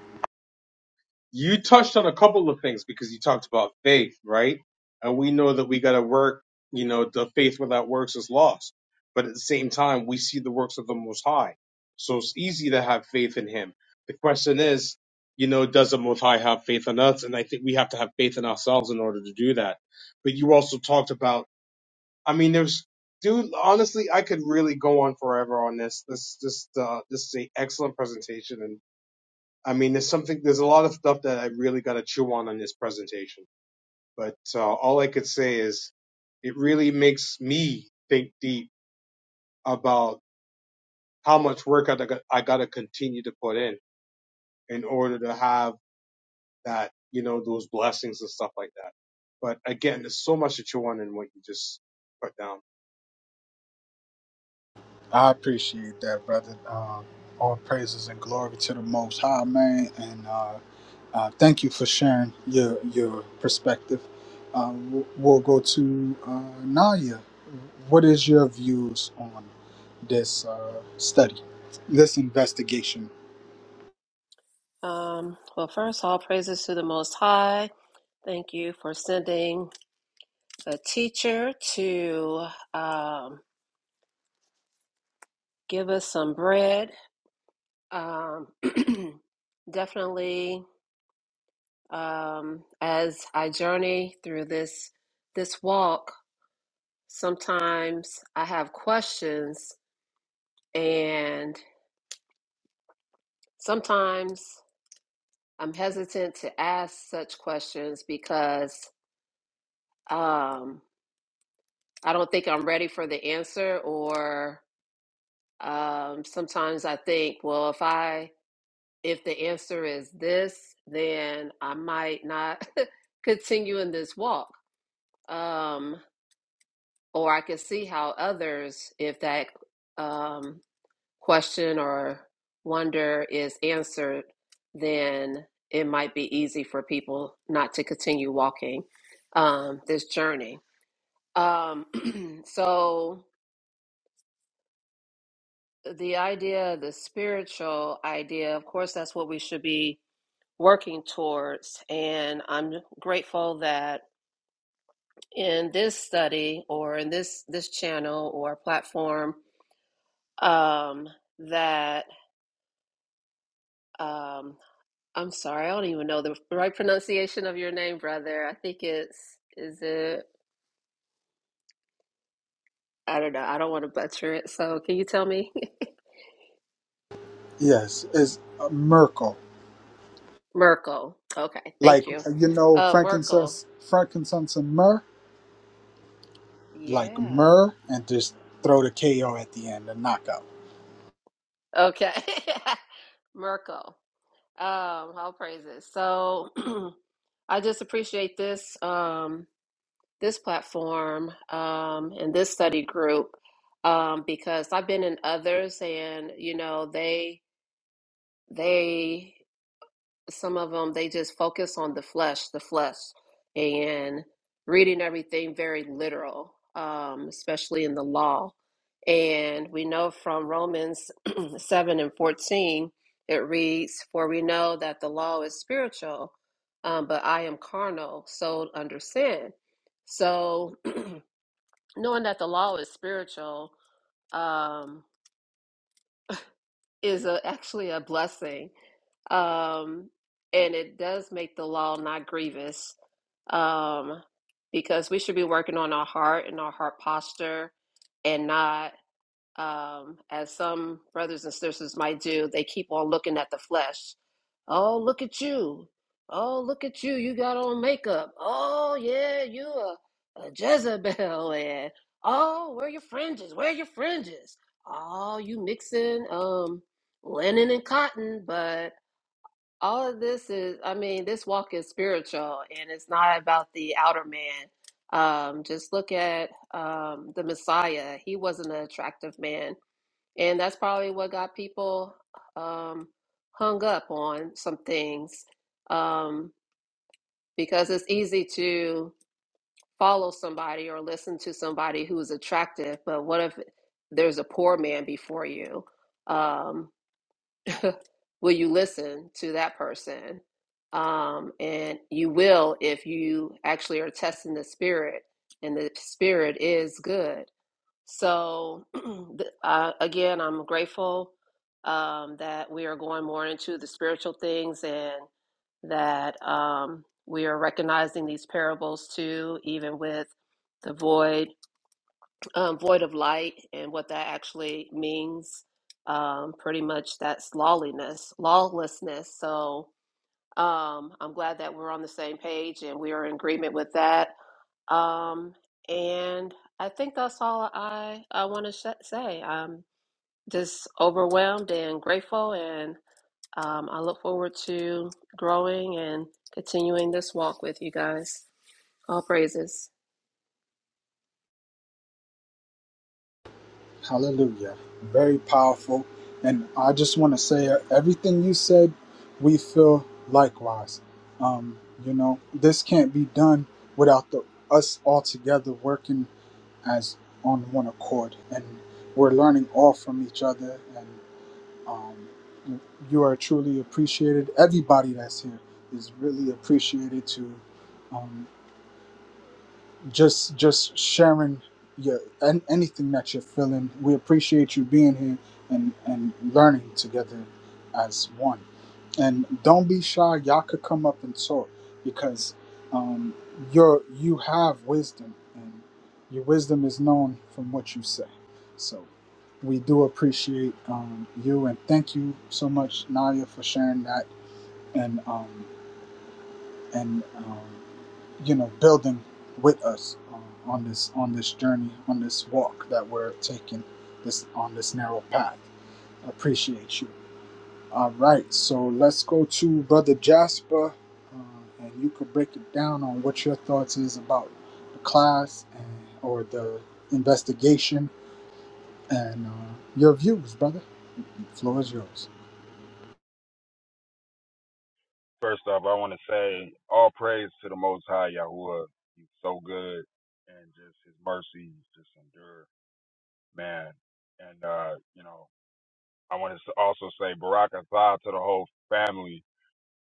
you touched on a couple of things because you talked about faith, right? And we know that we got to work, you know, the faith without works is lost. But at the same time, we see the works of the Most High. So it's easy to have faith in Him. The question is, you know, does the Most High have faith in us? And I think we have to have faith in ourselves in order to do that. But you also talked about, I mean, there's, dude, honestly, I could really go on forever on this. This, this, uh, this is an excellent presentation and I mean, there's something, there's a lot of stuff that I really got to chew on on this presentation. But uh, all I could say is it really makes me think deep about how much work I got, I got to continue to put in in order to have that, you know, those blessings and stuff like that. But again, there's so much to chew on in what you just put down. I appreciate that, brother. Um, all praises and glory to the Most High, man. And uh, uh, thank you for sharing your your perspective. Uh, we'll we'll go to uh, Naya. What is your views on this uh, study, this investigation? Um, well, first, all praises to the Most High. Thank you for sending a teacher to um, give us some bread. Um, [CLEARS THROAT] definitely, um, as I journey through this this walk, sometimes I have questions, and sometimes I'm hesitant to ask such questions because um, I don't think I'm ready for the answer, or um, sometimes I think, well, if I if the answer is this, then I might not [LAUGHS] continue in this walk. Um, or I can see how others, if that um, question or wonder is answered, then it might be easy for people not to continue walking um, this journey. Um, [CLEARS THROAT] so, the idea, the spiritual idea, of course, that's what we should be working towards. And I'm grateful that in this study or in this this channel or platform um, that um, I'm sorry, I don't even know the right pronunciation of your name, brother. I think it's, is it, I don't know. I don't want to butcher it. So can you tell me? Yes, it's uh, Merkel. [LAUGHS] Merkel. Okay, Like thank you. you know, Uh, Merkel. frankincense, frankincense and myrrh, like Yeah. myrrh, and just throw the KO at the end, the knockout. Okay. [LAUGHS] Merkel. Um, all praises. So [CLEARS THROAT] I just appreciate this um this platform um and this study group um because I've been in others and you know they they some of them they just focus on the flesh the flesh and reading everything very literal um, especially in the law and we know from romans [CLEARS THROAT] 7 and 14 it reads for we know that the law is spiritual um, but i am carnal sold under sin so [CLEARS THROAT] knowing that the law is spiritual um, is a, actually a blessing um, and it does make the law not grievous um, because we should be working on our heart and our heart posture and not, um, as some brothers and sisters might do, they keep on looking at the flesh. Oh, look at you. Oh, look at you. You got on makeup. Oh, yeah, you a, a Jezebel. And oh, where are your fringes? Where are your fringes? Oh, you mixing um linen and cotton, but all of this is, I mean, this walk is spiritual and it's not about the outer man. Um, just look at um, the Messiah. He wasn't an attractive man. And that's probably what got people um, hung up on some things um, because it's easy to follow somebody or listen to somebody who is attractive. But what if there's a poor man before you? Um, [LAUGHS] will you listen to that person? Um, and you will if you actually are testing the spirit, and the spirit is good. So, [CLEARS THROAT] th- uh, again, I'm grateful um, that we are going more into the spiritual things and that um, we are recognizing these parables too, even with the void um, void of light and what that actually means. Um, pretty much that's lawlessness, lawlessness. So um, I'm glad that we're on the same page and we are in agreement with that. Um, and I think that's all I, I want to sh- say. I'm just overwhelmed and grateful, and um, I look forward to growing and continuing this walk with you guys. All praises. Hallelujah! Very powerful. And I just want to say, uh, everything you said, we feel likewise. Um, you know, this can't be done without the us all together working as on one accord, and we're learning all from each other. and. Um, you are truly appreciated. Everybody that's here is really appreciated to um, just just sharing your an, anything that you're feeling. We appreciate you being here and and learning together as one. And don't be shy. Y'all could come up and talk because um, you're you have wisdom and your wisdom is known from what you say. So we do appreciate um, you and thank you so much, Nadia, for sharing that. And um, and um, you know building with us um, on this on this journey on this walk that we're taking this on this narrow path appreciate you all right so let's go to brother jasper uh, and you could break it down on what your thoughts is about the class and, or the investigation and uh, your views brother The floor is yours First off, I want to say all praise to the Most High Yahuwah. He's so good, and just His mercy just endure, man. And uh, you know, I want to also say Barak Atah to the whole family.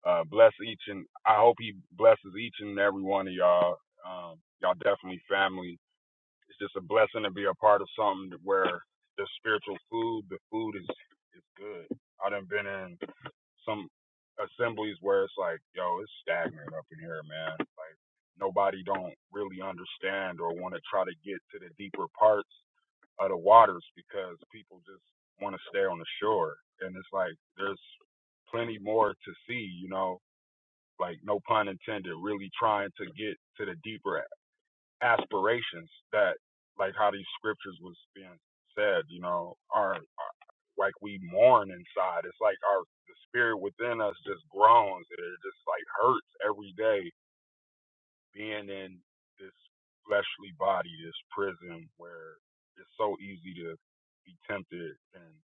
Uh, bless each and I hope He blesses each and every one of y'all. Um, y'all definitely family it's just a blessing to be a part of something where the spiritual food, the food is is good. I done been in some assemblies where it's like, yo, it's stagnant up in here, man. Like nobody don't really understand or want to try to get to the deeper parts of the waters because people just want to stay on the shore. And it's like there's plenty more to see, you know. Like no pun intended, really trying to get to the deeper aspirations that like how these scriptures was being said you know are, are like we mourn inside it's like our the spirit within us just groans it just like hurts every day being in this fleshly body this prison where it's so easy to be tempted and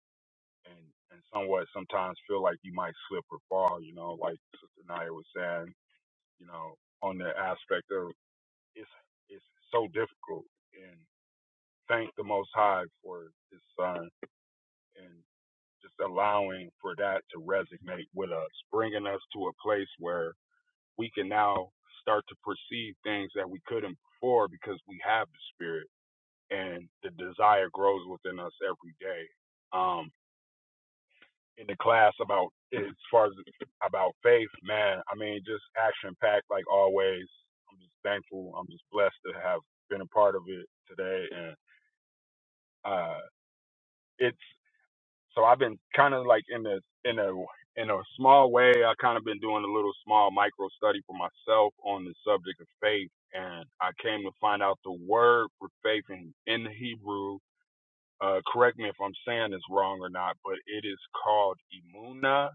and and somewhat sometimes feel like you might slip or fall you know like sister naya was saying you know on the aspect of it's it's so difficult thank the Most High for His Son and just allowing for that to resonate with us, bringing us to a place where we can now start to perceive things that we couldn't before because we have the Spirit and the desire grows within us every day. Um, in the class about as far as about faith, man, I mean just action packed like always. I'm just thankful. I'm just blessed to have been a part of it today, and uh, it's So I've been kind of like in a in a in a small way. I kind of been doing a little small micro study for myself on the subject of faith, and I came to find out the word for faith in in the Hebrew. Uh, correct me if I'm saying this wrong or not, but it is called imuna,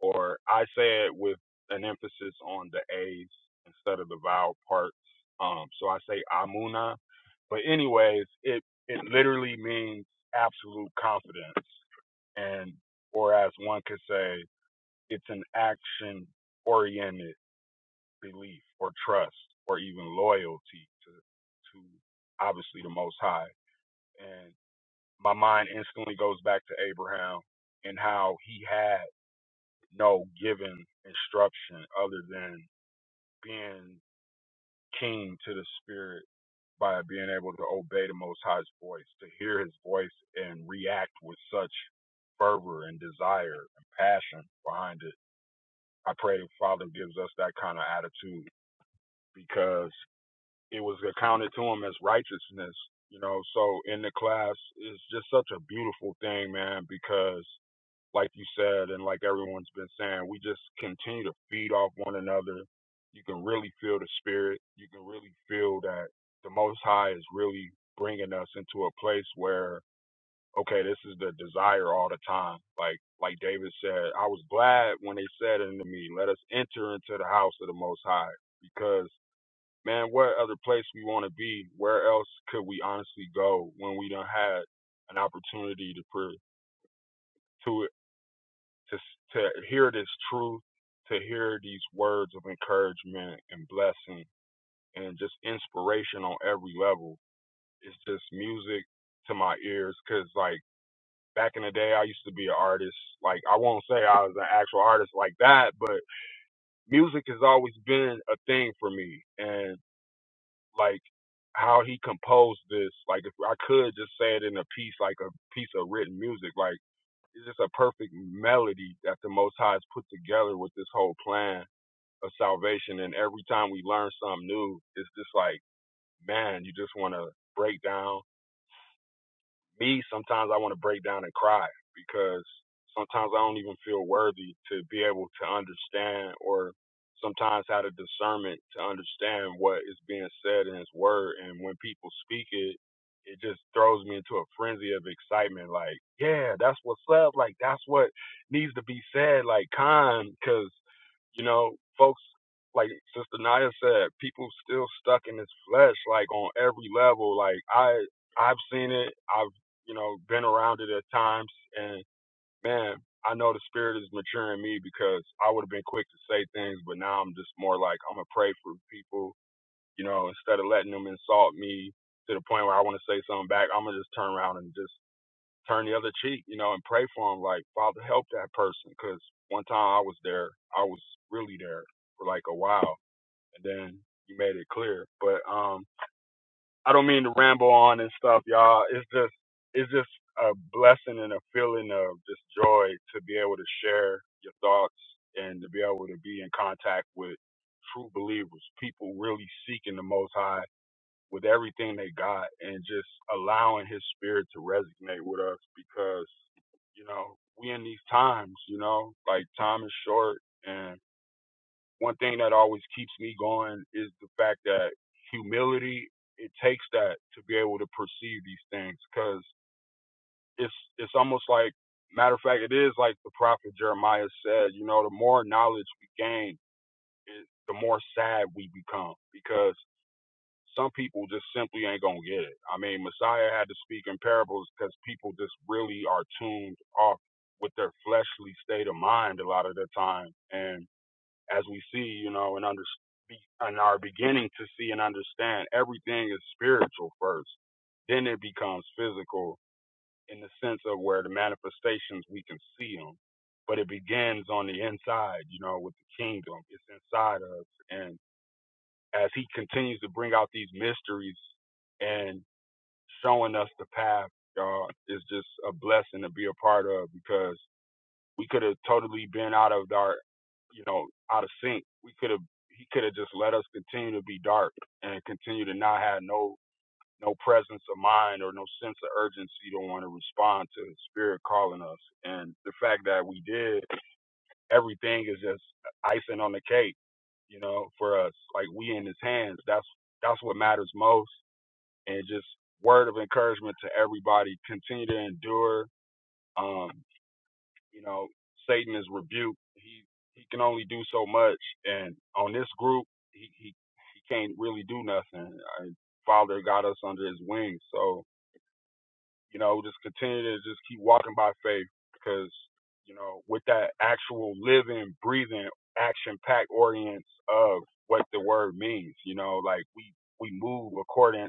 or I say it with an emphasis on the A's instead of the vowel parts. Um, so I say amuna. But anyways, it it literally means absolute confidence and or as one could say, it's an action oriented belief or trust or even loyalty to to obviously the most high. And my mind instantly goes back to Abraham and how he had no given instruction other than being keen to the spirit by being able to obey the most high's voice, to hear his voice and react with such fervor and desire and passion behind it I pray the Father gives us that kind of attitude because it was accounted to him as righteousness, you know. So in the class, it's just such a beautiful thing, man, because like you said, and like everyone's been saying, we just continue to feed off one another. You can really feel the spirit. You can really feel that the Most High is really bringing us into a place where okay, this is the desire all the time. Like like David said, I was glad when they said unto me, Let us enter into the house of the most high. Because man, what other place we want to be, where else could we honestly go when we done had an opportunity to to to to hear this truth, to hear these words of encouragement and blessing and just inspiration on every level. It's just music to my ears cuz like back in the day I used to be an artist. Like I won't say I was an actual artist like that, but music has always been a thing for me. And like how he composed this, like if I could just say it in a piece, like a piece of written music, like it's just a perfect melody that the Most High has put together with this whole plan of salvation. And every time we learn something new, it's just like, man, you just want to break down me, sometimes I want to break down and cry because sometimes I don't even feel worthy to be able to understand or sometimes have the discernment to understand what is being said in his word. And when people speak it, it just throws me into a frenzy of excitement. Like, yeah, that's what's up. Like, that's what needs to be said. Like, kind. because you know, folks, like Sister Naya said, people still stuck in this flesh, like on every level. Like I, I've seen it. I've, you know, been around it at times, and man, I know the spirit is maturing me because I would have been quick to say things, but now I'm just more like I'm gonna pray for people. You know, instead of letting them insult me to the point where I want to say something back, I'm gonna just turn around and just turn the other cheek, you know, and pray for them. Like, Father, help that person. Cause one time I was there, I was really there for like a while, and then you made it clear. But um, I don't mean to ramble on and stuff, y'all. It's just, it's just a blessing and a feeling of just joy to be able to share your thoughts and to be able to be in contact with true believers, people really seeking the Most High with everything they got and just allowing his spirit to resonate with us because, you know, we in these times, you know, like time is short and one thing that always keeps me going is the fact that humility it takes that to be able to perceive these things because it's it's almost like matter of fact it is like the prophet jeremiah said you know the more knowledge we gain it, the more sad we become because. Some people just simply ain't gonna get it. I mean, Messiah had to speak in parables because people just really are tuned off with their fleshly state of mind a lot of the time. And as we see, you know, and under and are beginning to see and understand, everything is spiritual first. Then it becomes physical in the sense of where the manifestations we can see them but it begins on the inside, you know, with the kingdom. It's inside us. and as he continues to bring out these mysteries and showing us the path, y'all, is just a blessing to be a part of because we could have totally been out of our, you know, out of sync. We could have, he could have just let us continue to be dark and continue to not have no, no presence of mind or no sense of urgency to want to respond to the spirit calling us. And the fact that we did everything is just icing on the cake, you know, for us. Like we in his hands. That's that's what matters most. And just word of encouragement to everybody. Continue to endure. Um, you know, Satan is rebuked. He he can only do so much. And on this group, he he, he can't really do nothing. I, Father got us under his wings. So you know, just continue to just keep walking by faith because, you know, with that actual living, breathing, action packed orience of what the word means, you know, like we, we move according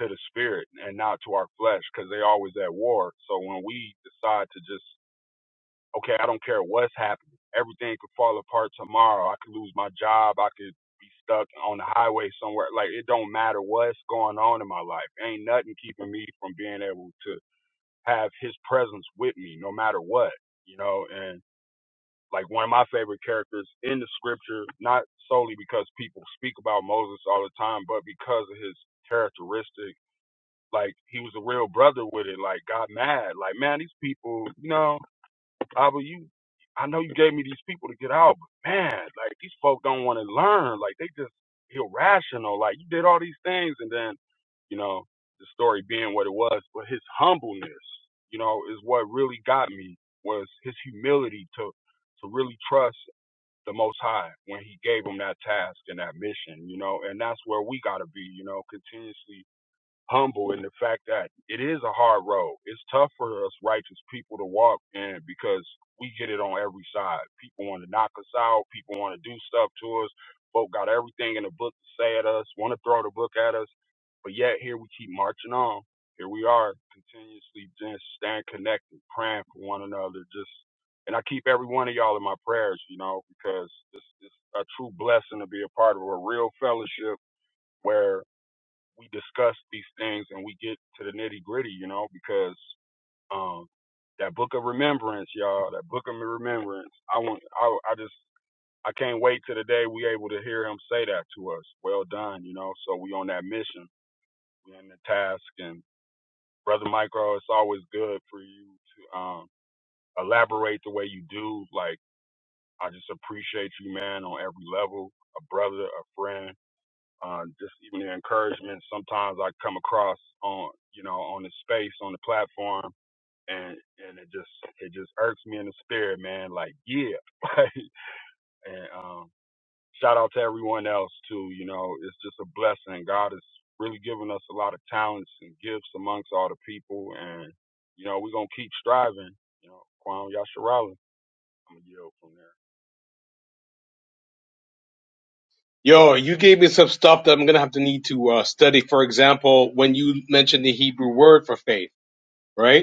to the spirit and not to our flesh because they always at war. So when we decide to just, okay, I don't care what's happening, everything could fall apart tomorrow. I could lose my job. I could be stuck on the highway somewhere. Like it don't matter what's going on in my life. Ain't nothing keeping me from being able to have his presence with me no matter what, you know, and like one of my favorite characters in the scripture, not solely because people speak about Moses all the time, but because of his characteristic. Like he was a real brother with it, like got mad. Like, man, these people, you know, Abba, you, I know you gave me these people to get out, but man, like these folk don't want to learn. Like they just irrational. Like you did all these things, and then, you know, the story being what it was, but his humbleness, you know, is what really got me was his humility to to really trust the Most High when He gave him that task and that mission, you know, and that's where we gotta be, you know, continuously humble in the fact that it is a hard road. It's tough for us righteous people to walk in because we get it on every side. People want to knock us out. People want to do stuff to us. Folk got everything in the book to say at us, want to throw the book at us. But yet here we keep marching on. Here we are, continuously just staying connected, praying for one another. Just and I keep every one of y'all in my prayers, you know, because it's, it's a true blessing to be a part of a real fellowship where we discuss these things and we get to the nitty gritty, you know, because um, that book of remembrance, y'all, that book of remembrance. I want, I, I just, I can't wait till the day we able to hear him say that to us. Well done, you know. So we on that mission, we on the task, and brother Micro, it's always good for you to um, elaborate the way you do. Like I just appreciate you, man, on every level, a brother, a friend uh, just even the encouragement sometimes I come across on you know on the space on the platform and and it just it just irks me in the spirit man like yeah [LAUGHS] like and um shout out to everyone else too you know it's just a blessing God has really given us a lot of talents and gifts amongst all the people and you know we're gonna keep striving you know Kwame Yasharala I'm gonna yield from there Yo, you gave me some stuff that I'm gonna have to need to uh, study. For example, when you mentioned the Hebrew word for faith, right?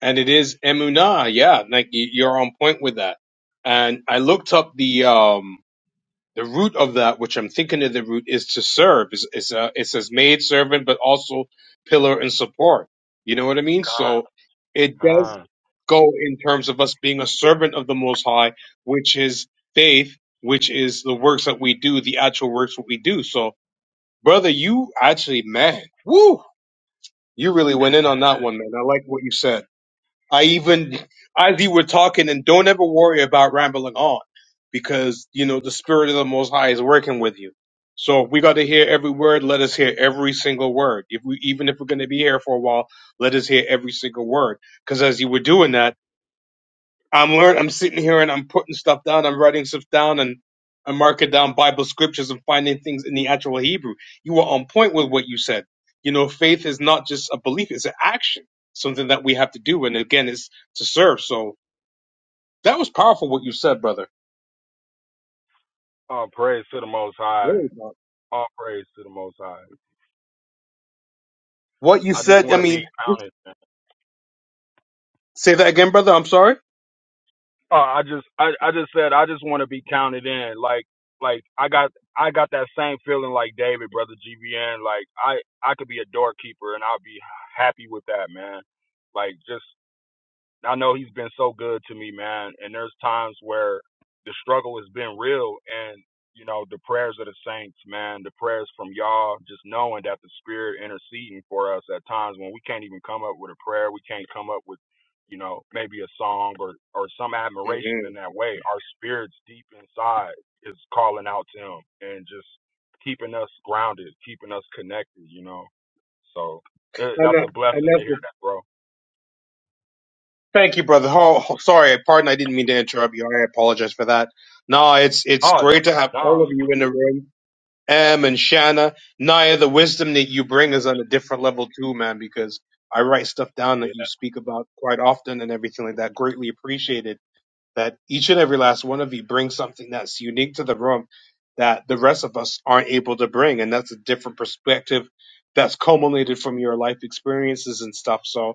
and it is emunah. Yeah, like y- you're on point with that. And I looked up the um the root of that, which I'm thinking of the root is to serve. It's it's a it says maid servant, but also pillar and support. You know what I mean? So God. it does Ah, go in terms of us being a servant of the Most High, which is faith, which is the works that we do, the actual works that we do. So, brother, you actually, man, woo, you really went in on that one, man. I like what you said. I even, as you were talking, and don't ever worry about rambling on because, you know, the Spirit of the Most High is working with you. So if we got to hear every word, let us hear every single word. If we, even if we're going to be here for a while, let us hear every single word. Because as you were doing that, I'm learning. I'm sitting here and I'm putting stuff down. I'm writing stuff down and I'm marking down Bible scriptures and finding things in the actual Hebrew. You were on point with what you said. You know, faith is not just a belief; it's an action, something that we have to do. And again, it's to serve. So that was powerful what you said, brother. all praise to the Most High. Very powerful. All praise to the Most High. What you I just said. I want to be mean, counted. in. say that again, brother. I'm sorry. Uh, I just, I, I just said, I just want to be counted in. Like, like I got, I got that same feeling like David, brother GBN. Like, I, I could be a doorkeeper and I'll be happy with that, man. Like, just I know he's been so good to me, man. And there's times where the struggle has been real, and you know the prayers of the saints, man, the prayers from y'all, just knowing that the Spirit interceding for us at times when we can't even come up with a prayer, we can't come up with, you know, maybe a song or or some hmm admiration in that way. Our spirits deep inside is calling out to Him and just keeping us grounded, keeping us connected, you know. So eh, And, that's that- a and blessing to that's the, hear that, bro. thank you, brother. Oh, oh, sorry, pardon. I didn't mean to interrupt you. I apologize for that. No, it's it's Oh no, great to have no, all of you in the room M and Shanna. Naya, the wisdom that you bring is on a different level too, man, because I write stuff down Yeah. that you speak about quite often and everything like that. Greatly appreciated that each and every last one of you brings something that's unique to the room that the rest of us aren't able to bring. And that's a different perspective that's culminated from your life experiences and stuff. So,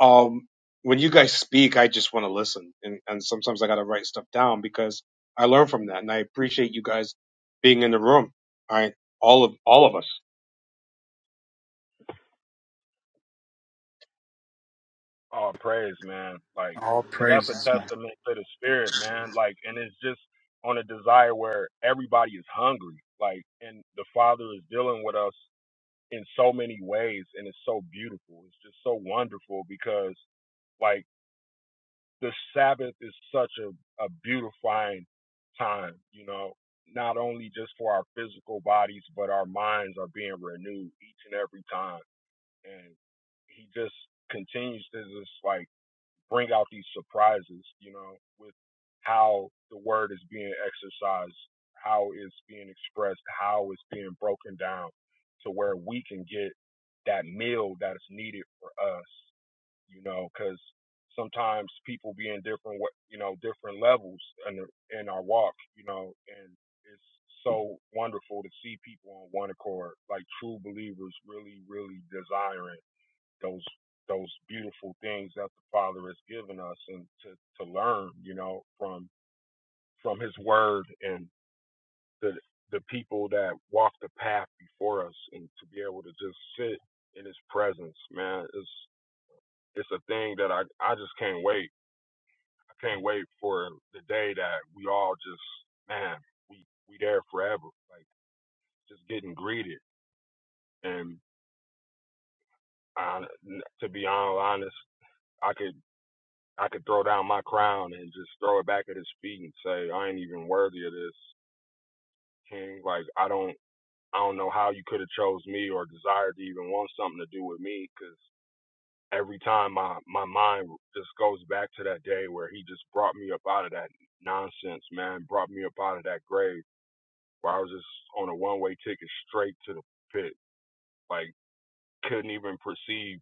um when you guys speak i just want to listen and and sometimes i gotta write stuff down because i learn from that and i appreciate you guys being in the room all right all of all of us All praise, man. Like, all see, that's a praises man testament to the spirit, man. Like, and it's just on a desire where everybody is hungry. Like, and the Father is dealing with us in so many ways, and it's so beautiful. It's just so wonderful because, like, the Sabbath is such a, a beautifying time, you know, not only just for our physical bodies, but our minds are being renewed each and every time. And He just continues to just, like, bring out these surprises, you know, with how the word is being exercised, how it's being expressed, how it's being broken down to where we can get that meal that is needed for us, you know, because sometimes people be in different, you know, different levels in, in our walk, you know, and it's so wonderful to see people on one accord, like true believers really, really desiring those those beautiful things that the Father has given us and to, to learn, you know, from from his word and the the people that walk the path before us and to be able to just sit in his presence, man, it's it's a thing that I, I just can't wait. I can't wait for the day that we all just man, we we there forever. Like just getting greeted and I, to be honest, I could. I could throw down my crown and just throw it back at his feet and say, I ain't even worthy of this, King. Like I don't, I don't know how you could have chose me or desired to even want something to do with me, because every time my my mind just goes back to that day where he just brought me up out of that nonsense, man, brought me up out of that grave where I was just on a one way ticket straight to the pit, like couldn't even perceive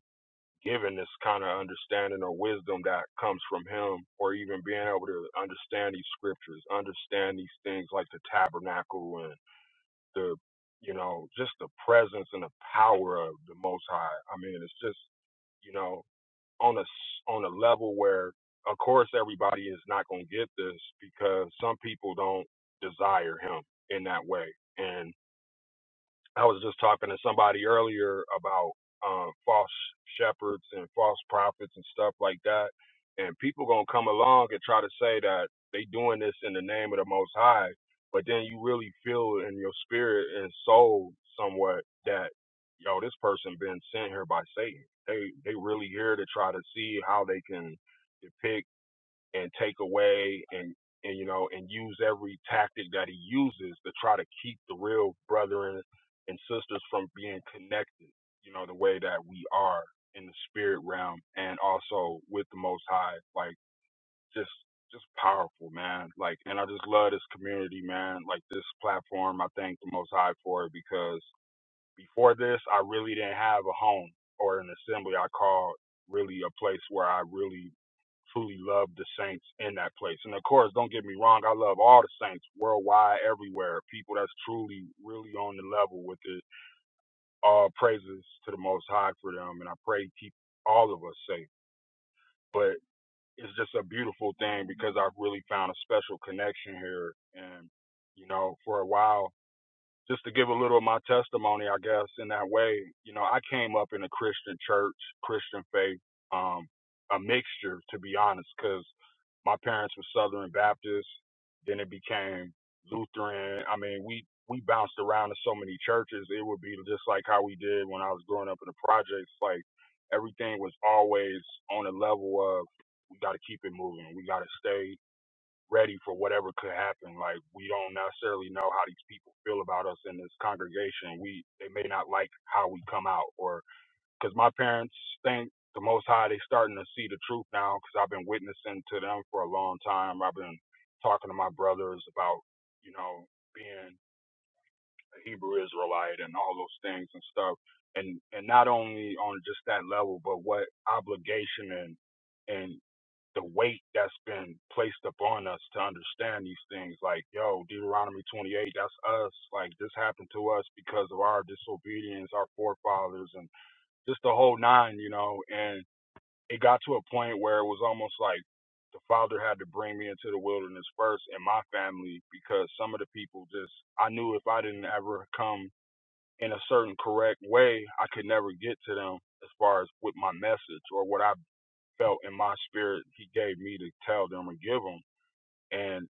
given this kind of understanding or wisdom that comes from him or even being able to understand these scriptures understand these things like the tabernacle and the you know just the presence and the power of the most high i mean it's just you know on a s- on a level where of course everybody is not going to get this because some people don't desire him in that way and. I was just talking to somebody earlier about um, false shepherds and false prophets and stuff like that, and people gonna come along and try to say that they doing this in the name of the Most High, but then you really feel in your spirit and soul somewhat that yo this person been sent here by Satan. They they really here to try to see how they can depict and take away and and you know and use every tactic that he uses to try to keep the real brethren and sisters from being connected you know the way that we are in the spirit realm and also with the most high like just just powerful man like and i just love this community man like this platform i thank the most high for it because before this i really didn't have a home or an assembly i called really a place where i really truly love the saints in that place. And of course, don't get me wrong, I love all the saints worldwide, everywhere. People that's truly, really on the level with it. All praises to the Most High for them, and I pray He keep all of us safe. But it's just a beautiful thing because I've really found a special connection here, and you know, for a while just to give a little of my testimony, I guess, in that way, you know, I came up in a Christian church, Christian faith, um, a mixture, to be honest, because my parents were Southern Baptist. Then it became Lutheran. I mean, we, we bounced around to so many churches. It would be just like how we did when I was growing up in the projects. Like everything was always on a level of we got to keep it moving. We got to stay ready for whatever could happen. Like we don't necessarily know how these people feel about us in this congregation. We they may not like how we come out, or because my parents think the Most High they starting to see the truth now. Because I've been witnessing to them for a long time. I've been talking to my brothers about you know being a Hebrew Israelite and all those things and stuff. And and not only on just that level, but what obligation and and the weight that's been placed upon us to understand these things. Like, yo, Deuteronomy 28, that's us. Like, this happened to us because of our disobedience, our forefathers, and just the whole nine, you know. And it got to a point where it was almost like the father had to bring me into the wilderness first and my family because some of the people just, I knew if I didn't ever come in a certain correct way, I could never get to them as far as with my message or what i felt in my spirit he gave me to tell them and give them. And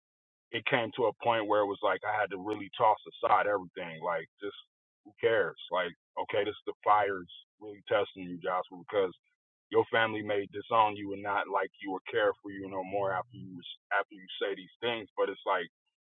it came to a point where it was like I had to really toss aside everything. Like, just who cares? Like, okay, this the fire's really testing you, Joshua, because your family may disown you and not like you or care for you no more after you after you say these things. But it's like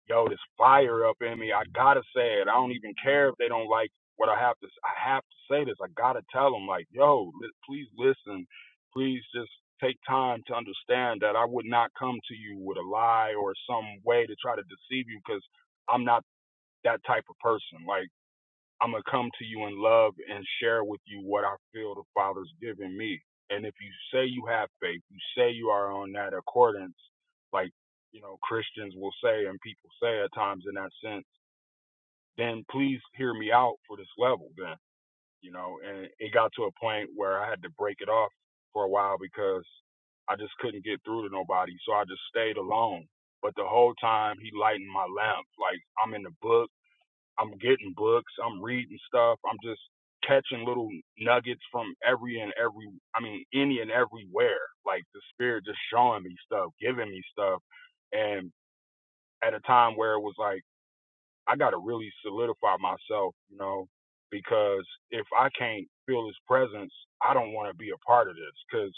yo, this fire up in me. I gotta say it. I don't even care if they don't like what I have to. I have to say this. I gotta tell them, like, yo, li- please listen. Please just take time to understand that I would not come to you with a lie or some way to try to deceive you because I'm not that type of person. Like. I'm gonna come to you in love and share with you what I feel the Father's given me. And if you say you have faith, you say you are on that accordance, like you know Christians will say and people say at times in that sense, then please hear me out for this level. Then you know, and it got to a point where I had to break it off for a while because I just couldn't get through to nobody, so I just stayed alone. But the whole time he lightened my lamp, like I'm in the book. I'm getting books, I'm reading stuff, I'm just catching little nuggets from every and every I mean any and everywhere. Like the spirit just showing me stuff, giving me stuff and at a time where it was like I got to really solidify myself, you know, because if I can't feel his presence, I don't want to be a part of this. Because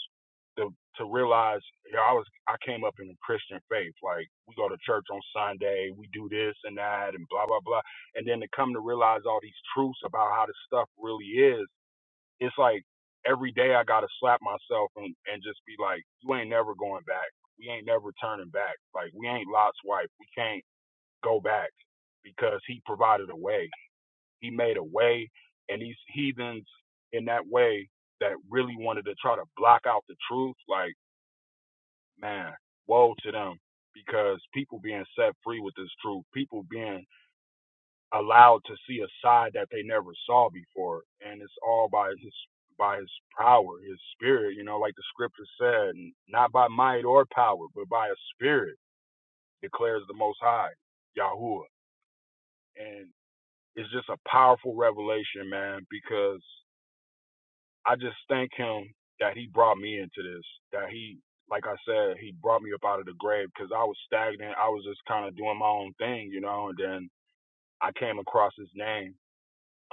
to to realize, you know, I was I came up in the Christian faith, like we go to church on Sunday, we do this and that, and blah blah blah, and then to come to realize all these truths about how this stuff really is, it's like every day I got to slap myself and and just be like, you ain't never going back. We ain't never turning back. Like we ain't Lot's wife. We can't go back because he provided a way. He made a way, and these heathens in that way that really wanted to try to block out the truth, like, man, woe to them because people being set free with this truth, people being allowed to see a side that they never saw before, and it's all by his by his power, his spirit, you know, like the scripture said, not by might or power, but by a spirit declares the most high, Yahuwah. And It's just a powerful revelation, man, because I just thank him that he brought me into this, that he, like I said, he brought me up out of the grave because I was stagnant. I was just kind of doing my own thing, you know, and then I came across his name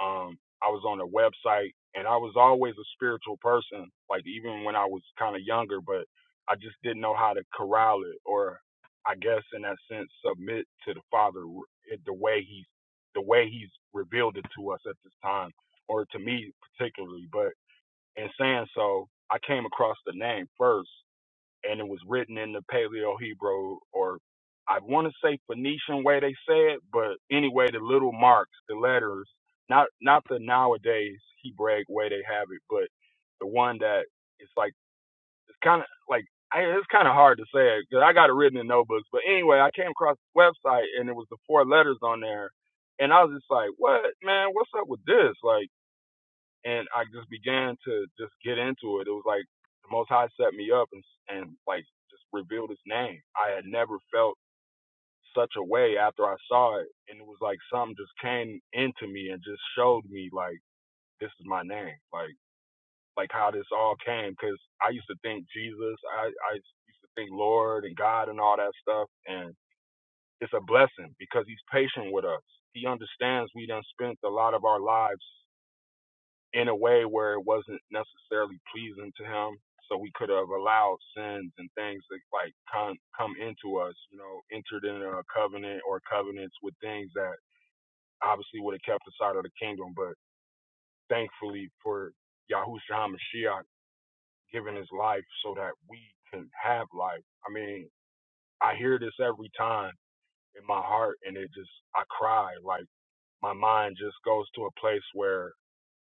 um, I was on their website, and I was always a spiritual person, like even when I was kind of younger, but I just didn't know how to corral it, or I guess in that sense, submit to the Father r- the way He's the way He's revealed it to us at this time, or to me particularly. But in saying so, I came across the name first and it was written in the Paleo Hebrew or I want to say Phoenician way they say it, but anyway, the little marks, the letters, not not the nowadays Hebraic way they have it, but the one that it's like it's kind of like I, it's kind of hard to say because I got it written in notebooks. But anyway, I came across the website and it was the four letters on there, and I was just like, "What man? What's up with this?" Like and I just began to just get into it. It was like the Most High set me up and and like just revealed His name. I had never felt such a way after I saw it, and it was like something just came into me and just showed me like this is my name, like like how this all came. Because I used to think Jesus, I I used to think Lord and God and all that stuff, and it's a blessing because He's patient with us. He understands we done spent a lot of our lives in a way where it wasn't necessarily pleasing to him. So we could have allowed sins and things that like come come into us, you know, entered in a covenant or covenants with things that obviously would have kept us out of the kingdom. But thankfully for Yahushua HaMashiach giving his life so that we can have life. I mean, I hear this every time in my heart and it just I cry. Like my mind just goes to a place where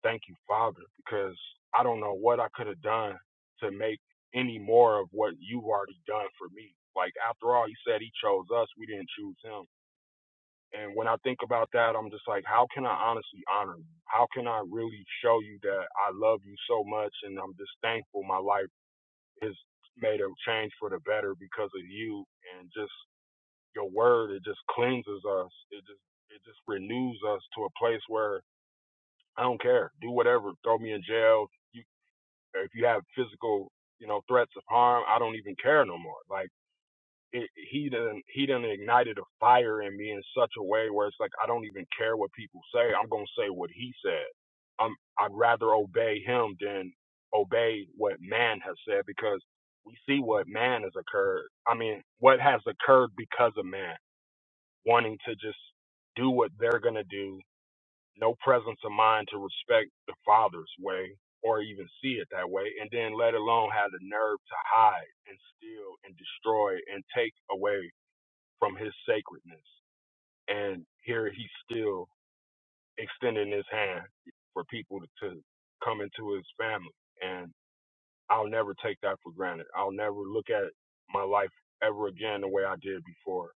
Thank you, Father, because I don't know what I could have done to make any more of what you have already done for me. Like, after all, He said he chose us, we didn't choose him. And when I think about that, I'm just like, how can I honestly honor you? How can I really show you that I love you so much and I'm just thankful my life has made a change for the better because of you and just your word, it just cleanses us. It just it just renews us to a place where I don't care. Do whatever. Throw me in jail. You or if you have physical, you know, threats of harm, I don't even care no more. Like it, he done he done ignited a fire in me in such a way where it's like I don't even care what people say. I'm gonna say what he said. I'm I'd rather obey him than obey what man has said because we see what man has occurred. I mean, what has occurred because of man wanting to just do what they're gonna do no presence of mind to respect the father's way or even see it that way, and then let alone have the nerve to hide and steal and destroy and take away from his sacredness. And here he's still extending his hand for people to come into his family. And I'll never take that for granted. I'll never look at my life ever again the way I did before.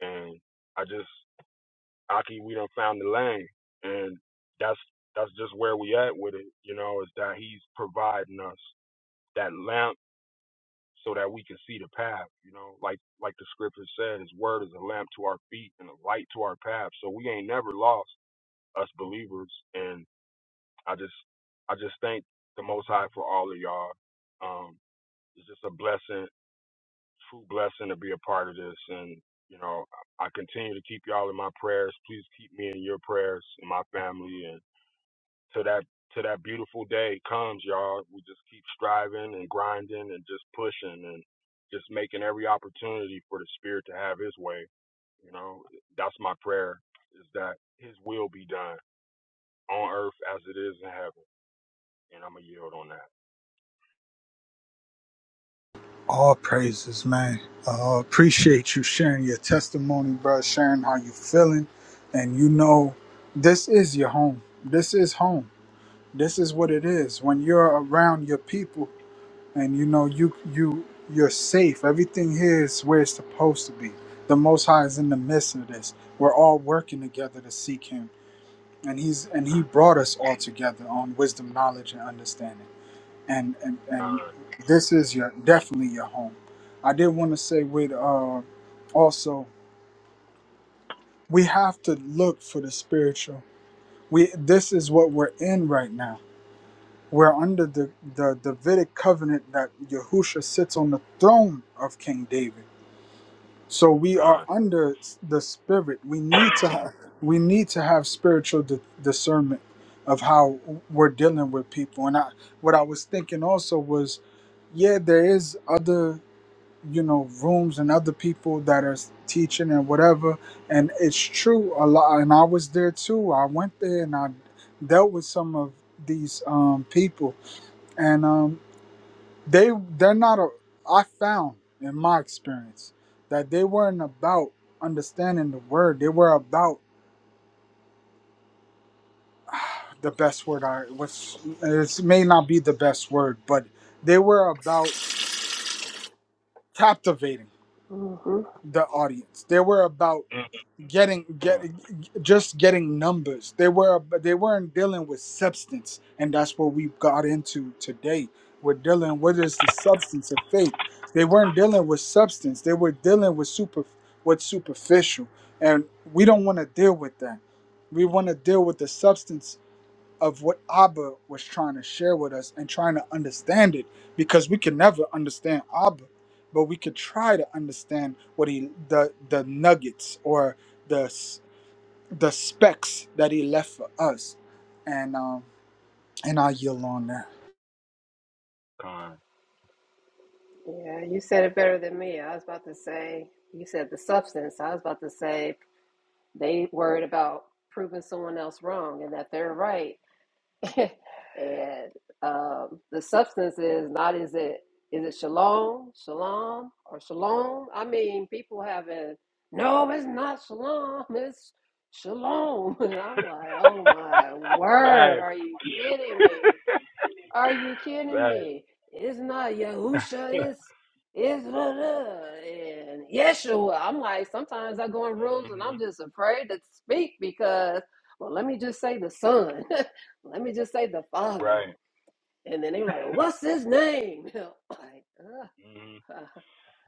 And I just Aki, we done found the lane, and that's that's just where we at with it. You know, is that he's providing us that lamp so that we can see the path. You know, like like the scripture said, His word is a lamp to our feet and a light to our path. So we ain't never lost us believers, and I just I just thank the Most High for all of y'all. Um, it's just a blessing, true blessing to be a part of this, and you know, I I continue to keep y'all in my prayers. Please keep me in your prayers and my family. till that till that beautiful day comes, y'all. We just keep striving and grinding and just pushing and just making every opportunity for the spirit to have his way. You know, that's my prayer is that his will be done on earth as it is in heaven. And I'm gonna yield on that. All praises, man. Uh, appreciate you sharing your testimony, bro. Sharing how you feeling, and you know, this is your home. This is home. This is what it is. When you're around your people, and you know, you you you're safe. Everything here is where it's supposed to be. The Most High is in the midst of this. We're all working together to seek Him, and He's and He brought us all together on wisdom, knowledge, and understanding and and and Con, this is your definitely your home. I did want to say with uh also we have to look for the spiritual. We this is what we're in right now. We're under the the Davidic covenant that Yahusha sits on the throne of King David. So we are con, under s- the spirit. We need to have we need to have spiritual di- discernment of how we're dealing with people. And I, what I was thinking also was yeah, there is other. you know rooms and other people that are teaching and whatever and it's true a lot and i was there too i went there and i dealt with some of these um, people and um, they they're not a i found in my experience that they weren't about understanding the word they were about the best word i was it may not be the best word but they were about captivating Mm-hmm. the audience they were about mm, getting get con, just getting numbers. They were they weren't dealing with substance, and that's what we got into today. We're dealing what is the substance of faith. They weren't dealing with substance. They were dealing with super with superficial, and we don't want to deal with that. We want to deal with the substance of what Abba was trying to share with us and trying to understand it because we can never understand Abba, but we could try to understand what he the the nuggets or the s- the specks that he left for us, and um, and I yield on that. con. Yeah, you said it better than me. I was about to say, you said the substance. I was about to say they worried about proving someone else wrong and that they're right. [LAUGHS] and um, the substance is not is it is it shalom, shalom, or shalom? I mean, people having no, it's not shalom, it's shalom. [LAUGHS] And I'm like, oh my [LAUGHS] word, are Facts. you kidding me? [LAUGHS] Are you kidding Facts. me? It's not Yahusha, [LAUGHS] it's it's blah, blah, and Yeshua. I'm like, sometimes I go in rooms and hmm I'm just afraid to speak because, well, let me just say the Son, [LAUGHS] let me just say the Father, Right. and then they're like, well, what's his name? [LAUGHS] I'm like, ugh. hmm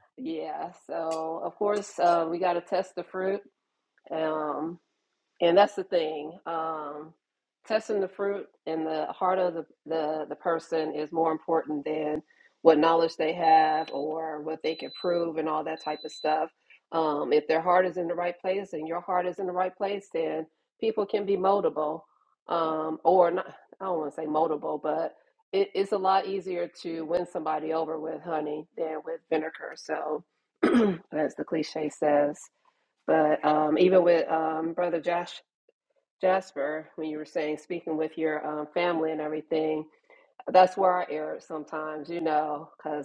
[LAUGHS] yeah. So of course uh, we got to test the fruit. Um, and that's the thing. Um, testing the fruit and the heart of the, the, the person is more important than what knowledge they have or what they can prove and all that type of stuff. Um, if their heart is in the right place and your heart is in the right place, then people can be moldable um, or not. I don't want to say moldable, but it, it's a lot easier to win somebody over with honey than with vinegar. So, [CLEARS THROAT] as the cliche says, but um, even with um, Brother Josh Jasper, when you were saying speaking with your um, family and everything, that's where I err sometimes, you know, because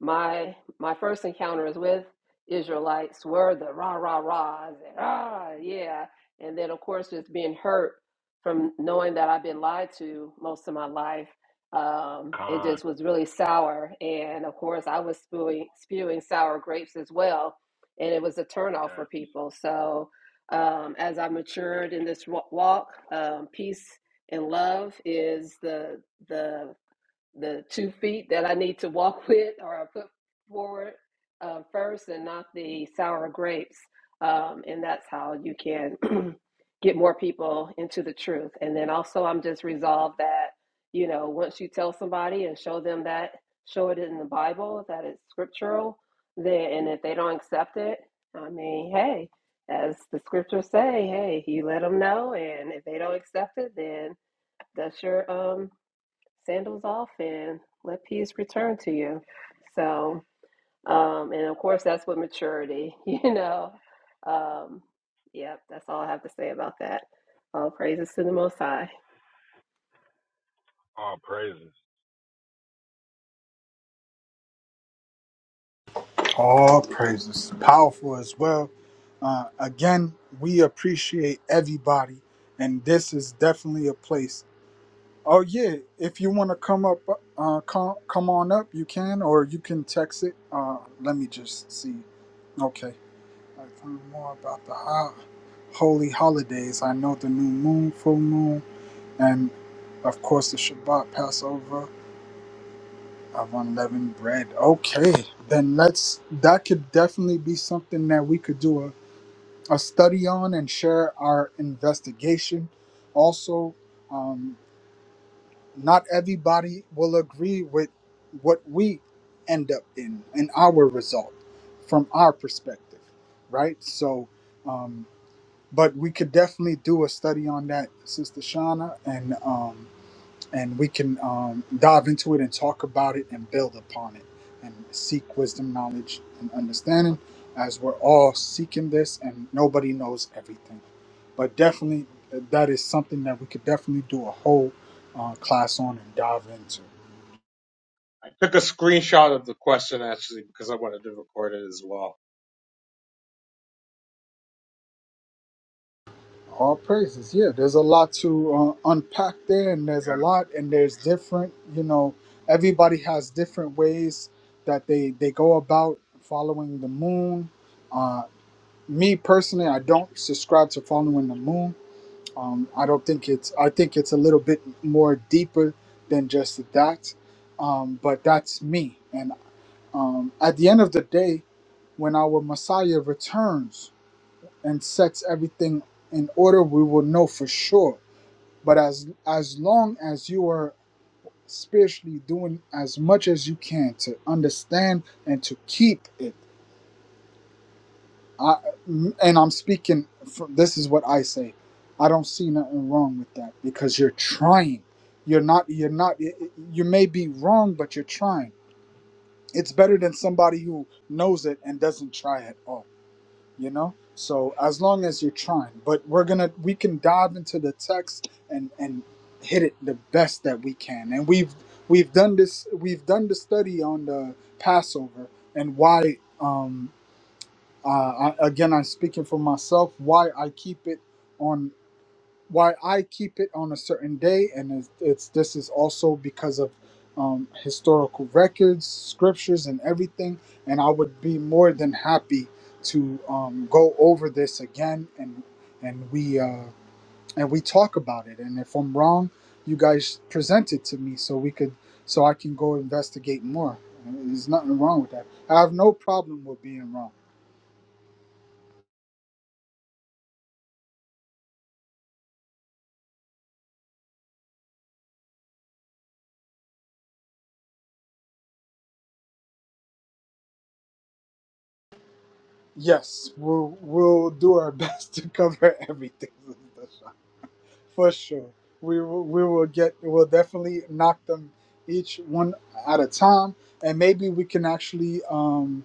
my my first encounters with Israelites were the rah rah rahs and ah yeah, and then of course just being hurt from knowing that I've been lied to most of my life. Um, it Con. just was really sour, and of course I was spewing spewing sour grapes as well, and it was a Yeah. turnoff for people. So um, as I matured in this wa- walk, um, peace and love is the the the two feet that I need to walk [LAUGHS] with or I put forward uh, first and not the sour grapes. Um, and that's how you can [CLEARS THROAT] get more people into the truth. And then also, I'm just resolved that, you know, once you tell somebody and show them that, show it in the Bible, that it's scriptural, then, and if they don't accept it, I mean, hey, as the scriptures say, hey, you let them know. And if they don't accept it, then that's your um, sandals off and let peace return to you. So, um, and of course, that's with maturity, [LAUGHS] you know. Um, yep, that's all I have to say about that. All praises to the Most High. All praises. All praises, powerful as well. Uh, again, we appreciate everybody, and this is definitely a place Oh yeah, if you want to come up, uh, come come on up, you can, or you can text it. Uh, let me just see. Okay, I found more about the ho- holy holidays. I know the new moon, full moon, and of course the Shabbat, Passover of unleavened bread. Okay, then let's. That could definitely be something that we could do a, a study on and share our investigation. Also. Um, not everybody will agree with what we end up in in our result from our perspective right so um, but we could definitely do a study on that sister shauna and um, and we can um, dive into it and talk about it and build upon it and seek wisdom, knowledge, and understanding as we're all seeking this and nobody knows everything. But definitely, uh, that is something that we could definitely do a whole uh, class on and dive into. i took a screenshot of the question actually because i wanted to record it as well All praises. Yeah, there's a lot to uh, unpack there, and there's a lot, and there's different, you know, everybody has different ways that they, they go about following the moon me personally, I don't subscribe to following the moon. Um, I don't think it's. I think it's a little bit more deeper than just that. Um, but that's me. And um, at the end of the day, when our Messiah returns and sets everything in order, we will know for sure. But as as long as you are spiritually doing as much as you can to understand and to keep it I, and I'm speaking from this is what I say. I don't see nothing wrong with that because you're trying. You're not you're not you may be wrong but you're trying. It's better than somebody who knows it and doesn't try at all, you know? So as long as you're trying, but we're going to we can dive into the text and and hit it the best that we can. And we've we've done this we've done the study on the Passover and why um uh, I, again i'm speaking for myself why i keep it on why i keep it on a certain day and it's, it's this is also because of um, historical records scriptures and everything and i would be more than happy to um, go over this again and and we uh, and we talk about it and if i'm wrong you guys present it to me so we could so i can go investigate more there's nothing wrong with that i have no problem with being wrong Yes, we'll we'll do our [LAUGHS] best to cover everything Sister Shah, for sure. We will we will get we'll definitely knock them each one at a time, and maybe we can actually um,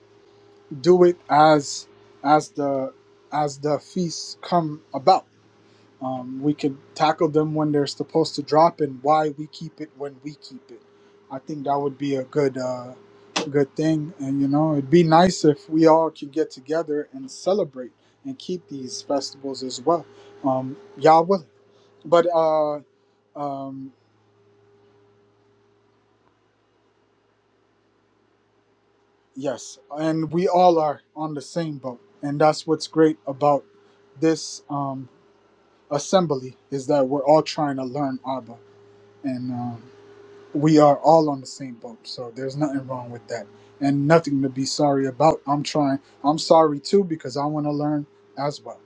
do it as as the as the feasts come about. Um, we can tackle them when they're supposed to drop and why we keep it when we keep it. I think that would be a good uh, good thing. And you know, it'd be nice if we all could get together and celebrate and keep these festivals as well. Um, y'all will. But uh, um, yes, and we all are on the same boat, and that's what's great about this um, assembly is that we're all trying to learn Abba, and um, we are all on the same boat so there's nothing wrong with that and nothing to be sorry about i'm trying i'm sorry too because i want to learn as well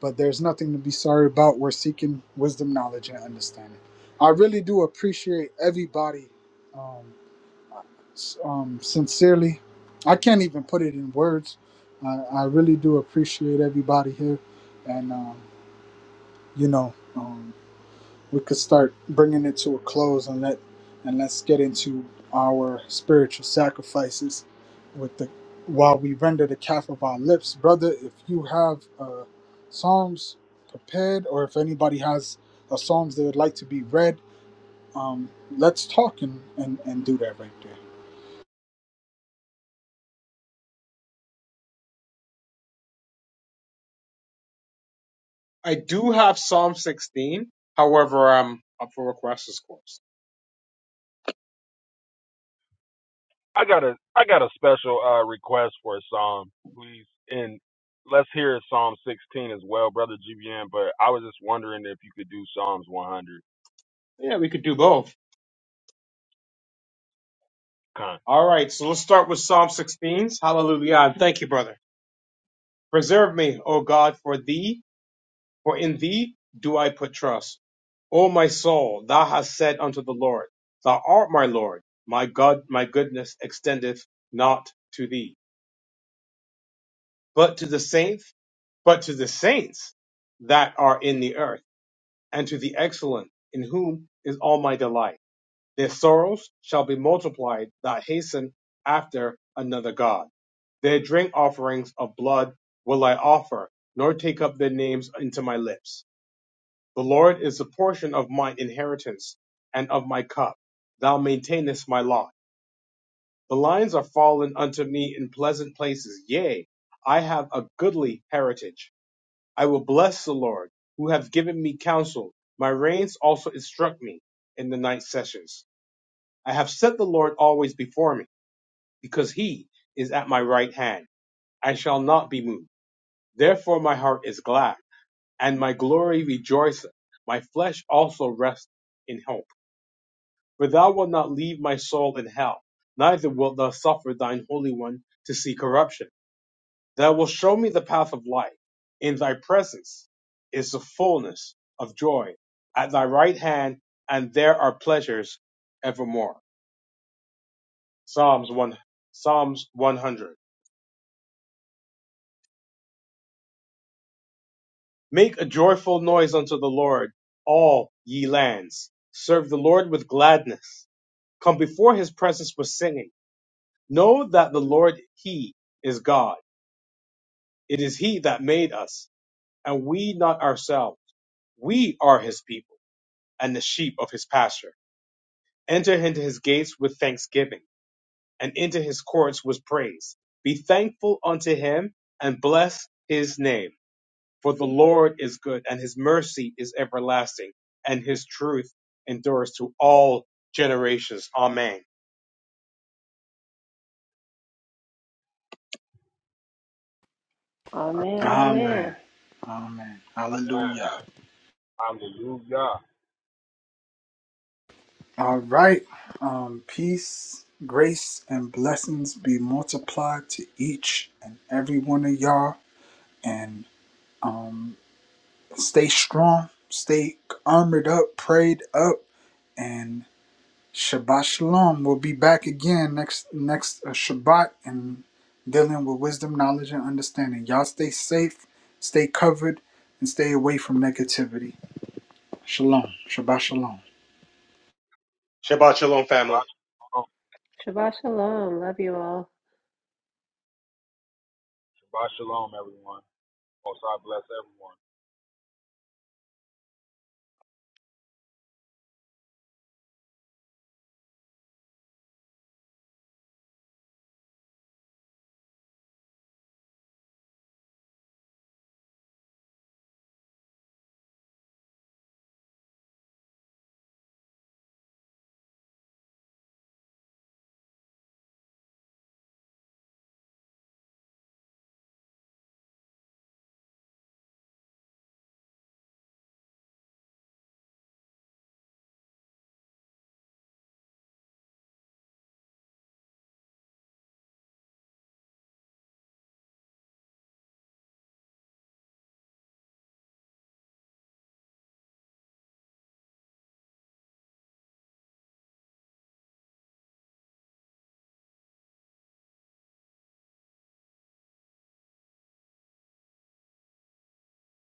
but there's nothing to be sorry about we're seeking wisdom knowledge and understanding i really do appreciate everybody um, s- um, sincerely i can't even put it in words I, I really do appreciate everybody here and um, you know Um, we could start bringing it to a close and let and let's get into our spiritual sacrifices with the while we render the calf of our lips brother if you have uh, psalms prepared or if anybody has a psalms they would like to be read um, let's talk and, and and do that right there i do have psalm 16 however i'm up for requests of course I got a I got a special uh, request for a psalm, please, and let's hear Psalm 16 as well, brother GBN. But I was just wondering if you could do Psalms 100. yeah we could do both Con. all right so let's start with psalm 16 hallelujah and thank you brother preserve me o god for thee for in thee do I put trust. O my soul, thou hast said unto the Lord, Thou art my Lord. My God, my goodness extendeth not to thee, but to the saints, but to the saints that are in the earth, and to the excellent, in whom is all my delight. Their sorrows shall be multiplied that hasten after another God. Their drink offerings of blood will I offer, nor take up their names into my lips. The Lord is the portion of my inheritance and of my cup. Thou maintainest my lot. The lines are fallen unto me in pleasant places. Yea, I have a goodly heritage. I will bless the Lord, who hath given me counsel. My reins also instruct me in the night sessions. I have set the Lord always before me, because he is at my right hand. I shall not be moved. Therefore my heart is glad, and my glory rejoiceth. My flesh also rests in hope For thou wilt not leave my soul in hell, neither wilt thou suffer thine Holy One to see corruption. Thou wilt show me the path of life. In thy presence is the fullness of joy. At thy right hand, and there are pleasures evermore. Psalms 1, Psalms 100. Make a joyful noise unto the Lord, all ye lands. Serve the Lord with gladness. Come before his presence with singing. Know that the Lord, he is God. It is he that made us, and we not ourselves. We are his people, and the sheep of his pasture. Enter into his gates with thanksgiving, and into his courts with praise. Be thankful unto him, and bless his name. For the Lord is good, and his mercy is everlasting, and his truth endures to all generations. Amen. Amen, amen amen. amen Amen. hallelujah Hallelujah. all right um, peace grace and blessings be multiplied to each and every one of y'all and um, stay strong, stay armored up, prayed up, and Shabbat Shalom. We'll be back again next next uh, Shabbat and dealing with wisdom, knowledge, and understanding. Y'all stay safe, stay covered, and stay away from negativity. Shalom, Shabbat Shalom. Shabbat shalom, family. Shabbat shalom, Shabbat shalom. Love you all. Shabbat shalom, everyone. Most I bless everyone.